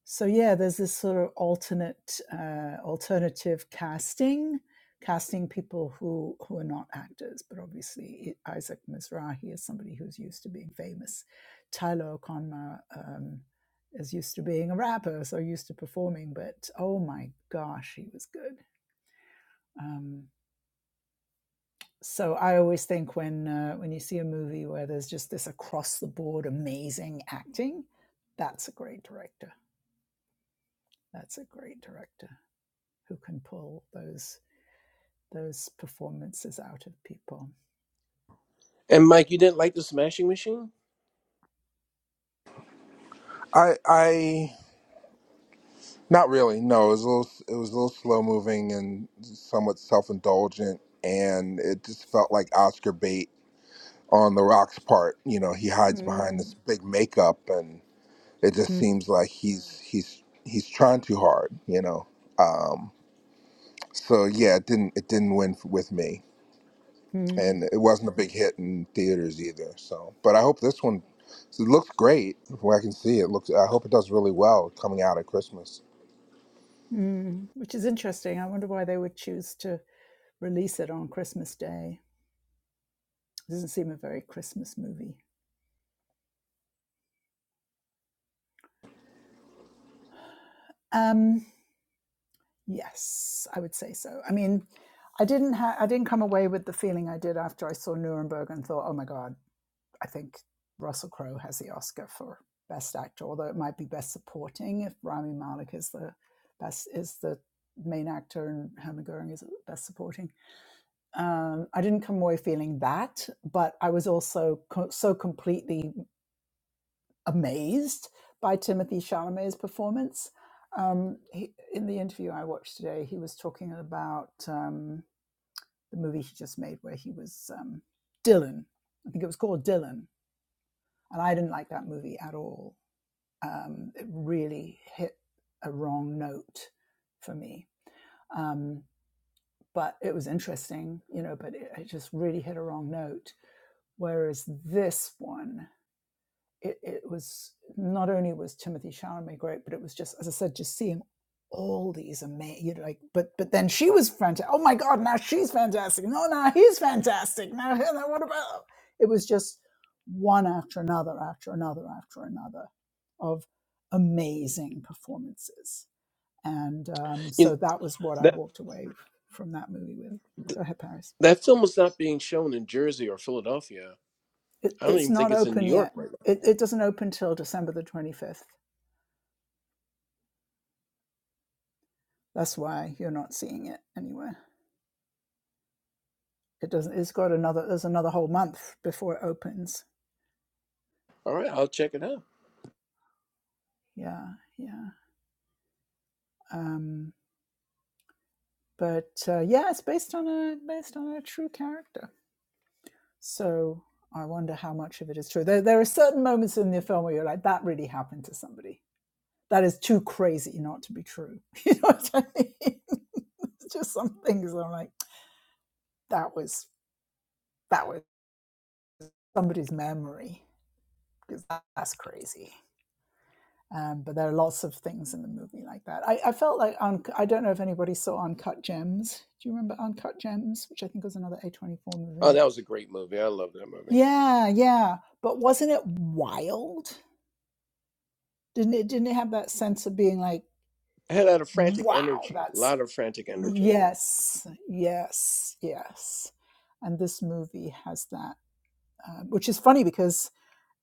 [SPEAKER 1] so yeah there's this sort of alternate uh, alternative casting casting people who who are not actors but obviously isaac mizrahi is somebody who's used to being famous tyler o'connor um, is used to being a rapper so used to performing but oh my gosh he was good um, so i always think when uh, when you see a movie where there's just this across the board amazing acting that's a great director That's a great director who can pull those those performances out of people.
[SPEAKER 4] And Mike, you didn't like The Smashing Machine?
[SPEAKER 8] I I not really. No, it was a little. It was a little slow moving and somewhat self indulgent, and it just felt like Oscar bait on The Rock's part. You know, he hides behind
[SPEAKER 1] Mm.
[SPEAKER 8] this big makeup, and it just
[SPEAKER 1] Mm.
[SPEAKER 8] seems like he's he's he's trying too hard. You know, so yeah, it didn't it didn't win f- with me.
[SPEAKER 1] Mm.
[SPEAKER 8] and it wasn't a big hit in theaters either. So, but I hope this one it looks great. From what I can see, it looks. I hope it does really well coming out at Christmas.
[SPEAKER 1] Mm. Which is interesting. I wonder why they would choose to release it on Christmas Day. It doesn't seem a very Christmas movie. Um, yes, I would say so. I mean, I didn't ha- I didn't come away with the feeling I did after I saw Nuremberg and thought, oh my god, I think Russell Crowe has the Oscar for Best Actor, although it might be Best Supporting if Rami Malek is the best is the main actor and Herman Goring is Best Supporting. Um, I didn't come away feeling that, but I was also co- so completely amazed by Timothy Chalamet's performance. Um, he, in the interview I watched today, he was talking about um, the movie he just made where he was um, Dylan. I think it was called Dylan, and I didn't like that movie at all. um, it really hit a wrong note for me. Um, but it was interesting, you know, but it, it just really hit a wrong note. Whereas this one it, it was not only was Timothy Chalamet great, but it was just, as I said, just seeing all these amazing, you know, like, but but then she was fantastic. Oh my God, now she's fantastic. No, now he's fantastic. Now, now what about? It was just one after another, after another, after another of amazing performances. And um,
[SPEAKER 4] You
[SPEAKER 1] so that was what I
[SPEAKER 4] that
[SPEAKER 1] walked away from that movie with.
[SPEAKER 4] th-
[SPEAKER 1] Go ahead, Paris.
[SPEAKER 4] that film was not being shown in Jersey or Philadelphia.
[SPEAKER 1] It,
[SPEAKER 4] I don't
[SPEAKER 1] it's
[SPEAKER 4] even think
[SPEAKER 1] not
[SPEAKER 4] it's in New
[SPEAKER 1] open
[SPEAKER 4] York
[SPEAKER 1] yet.
[SPEAKER 4] right now.
[SPEAKER 1] It, it doesn't open till December the 25th. That's why you're not seeing it anywhere. It doesn't. It's got another. There's another whole month before it opens.
[SPEAKER 4] All right, I'll check it out.
[SPEAKER 1] Yeah, yeah. Um, but uh, yeah, it's based on a based on a true character. So I wonder how much of it is true. There, there are certain moments in the film where you're like, that really happened to somebody. That is too crazy not to be true. *laughs* You know what I mean? *laughs* just some things I'm like, that was that was somebody's memory because that's crazy. Um, but there are lots of things in the movie like that. I, I felt like un- I don't know if anybody saw Uncut Gems. Do you remember Uncut Gems, which I think was another A24
[SPEAKER 4] Oh,
[SPEAKER 1] movie?
[SPEAKER 4] that was a great movie. I love that movie.
[SPEAKER 1] Yeah, yeah. But wasn't it wild? Didn't it didn't it have that sense of being like,
[SPEAKER 4] It had a lot of frantic
[SPEAKER 1] wow,
[SPEAKER 4] energy. A
[SPEAKER 1] that's
[SPEAKER 4] lot of frantic energy.
[SPEAKER 1] yes, yes, yes. And this movie has that, um, which is funny because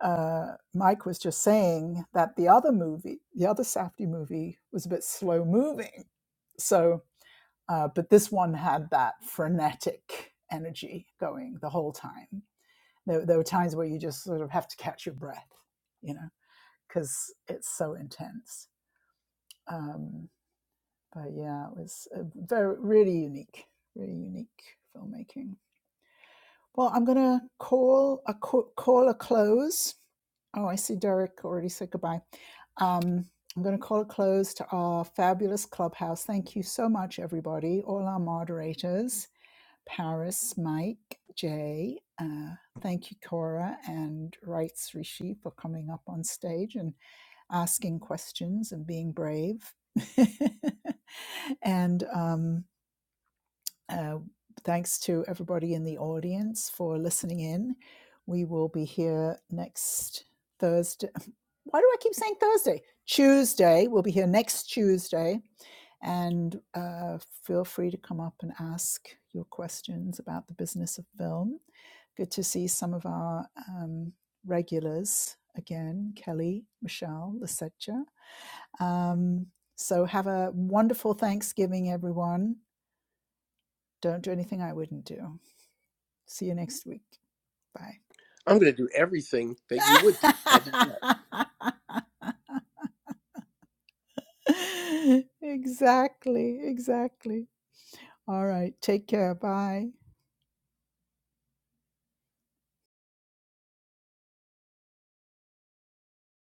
[SPEAKER 1] uh, Mike was just saying that the other movie, the other Safdie movie, was a bit slow moving. So Uh, but this one had that frenetic energy going the whole time. There, there were times where you just sort of have to catch your breath, you know, because it's so intense. Um, but yeah, it was a very really unique, really unique filmmaking. Well, I'm gonna call a call a close. Oh, I see Derek already said goodbye. Um, I'm going to call a close to our fabulous clubhouse. Thank you so much, everybody, all our moderators Paris, Mike, Jay. Uh, thank you, Cora and Rights Rishi, for coming up on stage and asking questions and being brave. *laughs* and um, uh, thanks to everybody in the audience for listening in. We will be here next Thursday. *laughs* Why do I keep saying Thursday? Tuesday. We'll be here next Tuesday. And uh, feel free to come up and ask your questions about the business of film. Good to see some of our um, regulars again Kelly, Michelle, Lisetta. Um, so have a wonderful Thanksgiving, everyone. Don't do anything I wouldn't do. See you next week. Bye.
[SPEAKER 4] I'm going to do everything that you would do. How about that?
[SPEAKER 1] *laughs* exactly. Exactly. All right. Take care. Bye.